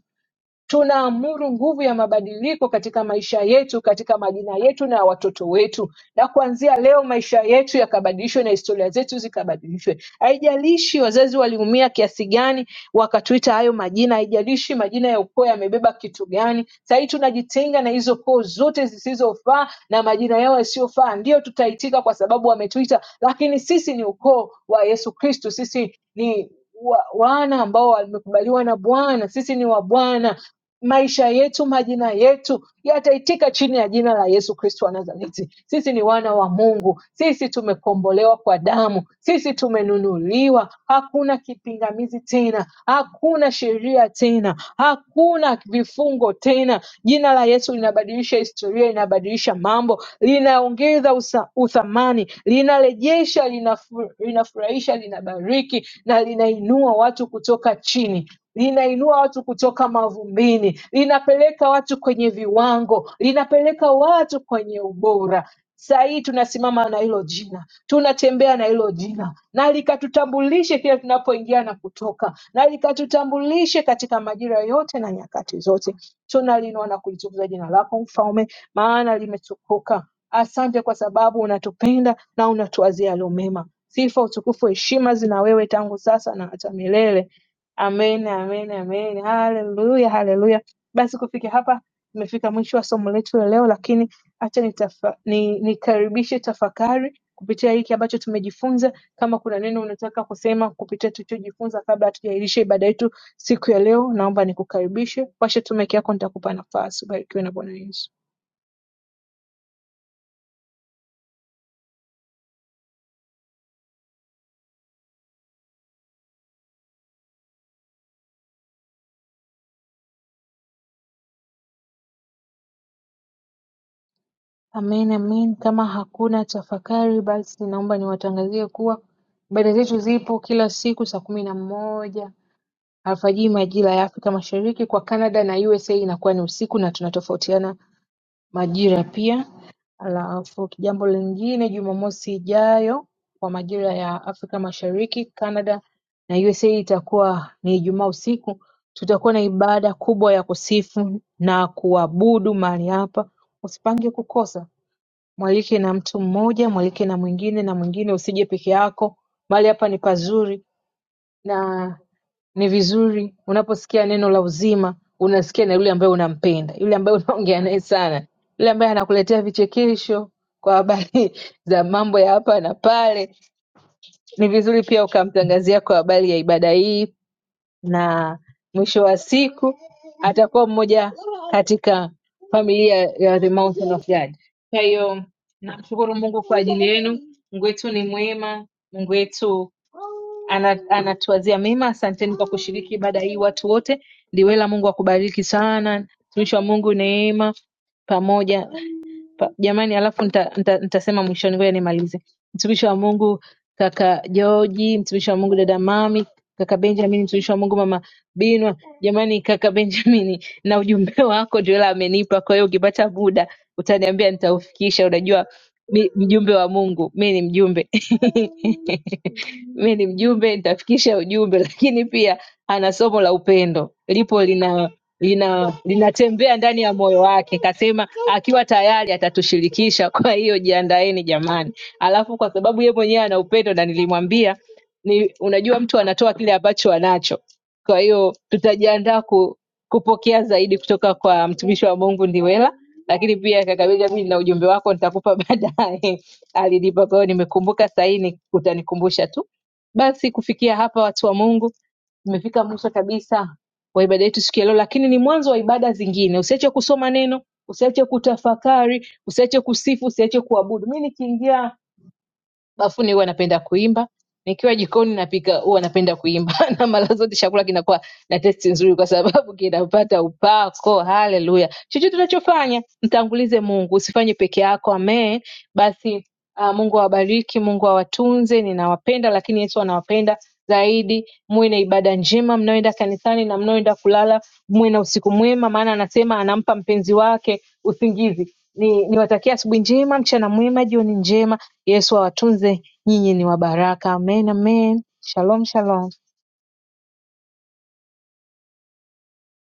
S3: Tunaamuru nguvu ya mabadiliko katika maisha yetu, katika majina yetu na ya watoto wetu, na kuanzia leo maisha yetu yakabadilishwe na historia zetu zikabadilishwe. Haijalishi wazazi waliumia kiasi gani wakatuita hayo majina, haijalishi majina ya ukoo yamebeba kitu gani. Sahii tunajitenga na hizo koo zote zisizofaa na majina yao yasiyofaa, ndiyo tutaitika kwa sababu wametuita, lakini sisi ni ukoo wa Yesu Kristo, sisi ni wa- wana ambao wamekubaliwa na Bwana, sisi ni wa Bwana maisha yetu, majina yetu yataitika chini ya jina la Yesu Kristo wa Nazareti. Sisi ni wana wa Mungu, sisi tumekombolewa kwa damu, sisi tumenunuliwa. Hakuna kipingamizi tena, hakuna sheria tena, hakuna vifungo tena. Jina la Yesu linabadilisha historia, linabadilisha mambo, linaongeza usa- uthamani, linarejesha, linafu- linafurahisha, linabariki na linainua watu kutoka chini linainua watu kutoka mavumbini, linapeleka watu kwenye viwango, linapeleka watu kwenye ubora. Saa hii tunasimama na hilo jina, tunatembea na hilo jina, na likatutambulishe kila tunapoingia na kutoka, na likatutambulishe katika majira yote na nyakati zote. Tunalinua na kulitukuza jina lako Mfalme, maana limetukuka. Asante kwa sababu unatupenda na unatuwazia yaliyo mema. Sifa, utukufu, heshima zina wewe tangu sasa na hata milele. Amen, amen, amen. Haleluya, haleluya. Basi kufikia hapa tumefika mwisho wa somo letu la leo, lakini acha nitafa, ni, nikaribishe tafakari kupitia hiki ambacho tumejifunza. Kama kuna neno unataka kusema kupitia tulichojifunza kabla hatujairisha ibada yetu siku ya leo, naomba nikukaribishe. Washa tu mic yako, nitakupa nafasi. Ubarikiwe na Bwana Yesu. Amen, amen. Kama hakuna tafakari, basi naomba niwatangazie kuwa ibada zetu zipo kila siku saa kumi na moja alfajiri majira ya Afrika Mashariki Kwa Canada na USA inakuwa ni usiku na tunatofautiana majira pia Alafu jambo lingine Jumamosi ijayo kwa majira ya Afrika Mashariki, Canada na USA itakuwa ni Ijumaa usiku. Tutakuwa na ibada kubwa ya kusifu na kuabudu mahali hapa. Usipange kukosa. Mwalike na mtu mmoja, mwalike na mwingine na mwingine, usije peke yako. Mahali hapa ni pazuri na ni vizuri unaposikia neno la uzima unasikia na yule ambaye unampenda yule ambaye unaongea naye sana yule ambaye anakuletea vichekesho kwa habari za mambo ya hapa na pale ni vizuri pia ukamtangazia kwa habari ya ibada hii na mwisho wa siku atakuwa mmoja katika familia ya the mountain of God. Kwa hiyo namshukuru Mungu kwa ajili yenu. Mungu wetu ni mwema, Mungu wetu ana- anatuwazia mema. Asanteni kwa kushiriki ibada hii watu wote. Ndiwela, Mungu akubariki sana. Mtumishi wa Mungu Neema pamoja pa- jamani alafu nita- nita- nitasema mwishoni ngoja nimalize mtumishi wa mungu kaka joji mtumishi wa mungu dada mami kaka benjamin mtumishi wa mungu mama binwa jamani kaka benjamini na ujumbe wako ndio ila amenipa kwa hiyo ukipata muda utaniambia nitaufikisha unajua mi, mjumbe wa mungu mi ni mjumbe mi ni mjumbe nitafikisha ujumbe lakini pia ana somo la upendo lipo lina lina linatembea ndani ya moyo wake, kasema akiwa tayari atatushirikisha. Kwa hiyo jiandaeni jamani. Alafu kwa sababu yeye mwenyewe ana upendo na nilimwambia ni, unajua mtu anatoa kile ambacho anacho, kwa hiyo tutajiandaa ku, kupokea zaidi kutoka kwa mtumishi wa Mungu Ndiwela. Lakini pia kaka Benjamin, na ujumbe wako nitakupa baadaye, alinipa. Kwa hiyo nimekumbuka sahii, ni- utanikumbusha tu. Basi kufikia hapa, watu wa Mungu, tumefika mwisho kabisa wa ibada yetu siku ya leo, lakini ni mwanzo wa ibada zingine. Usiache kusoma neno, usiache kutafakari, usiache kusifu, usiache kuabudu. Mi nikiingia bafuni huwa napenda kuimba, nikiwa jikoni napika huwa napenda kuimba na mara zote chakula kinakuwa na testi nzuri, kwa sababu kinapata upako. Haleluya! Chochote unachofanya mtangulize Mungu, usifanye peke yako. Amen. Basi uh, Mungu awabariki, Mungu awatunze. Ninawapenda, lakini Yesu anawapenda zaidi. Muwe na ibada njema mnaoenda kanisani na mnaoenda kulala, muwe na usiku mwema, maana anasema anampa mpenzi wake usingizi. Ni niwatakia asubuhi njema, mchana mwema, jioni njema. Yesu awatunze, nyinyi ni wabaraka. Amen, amen. Shalom, shalom.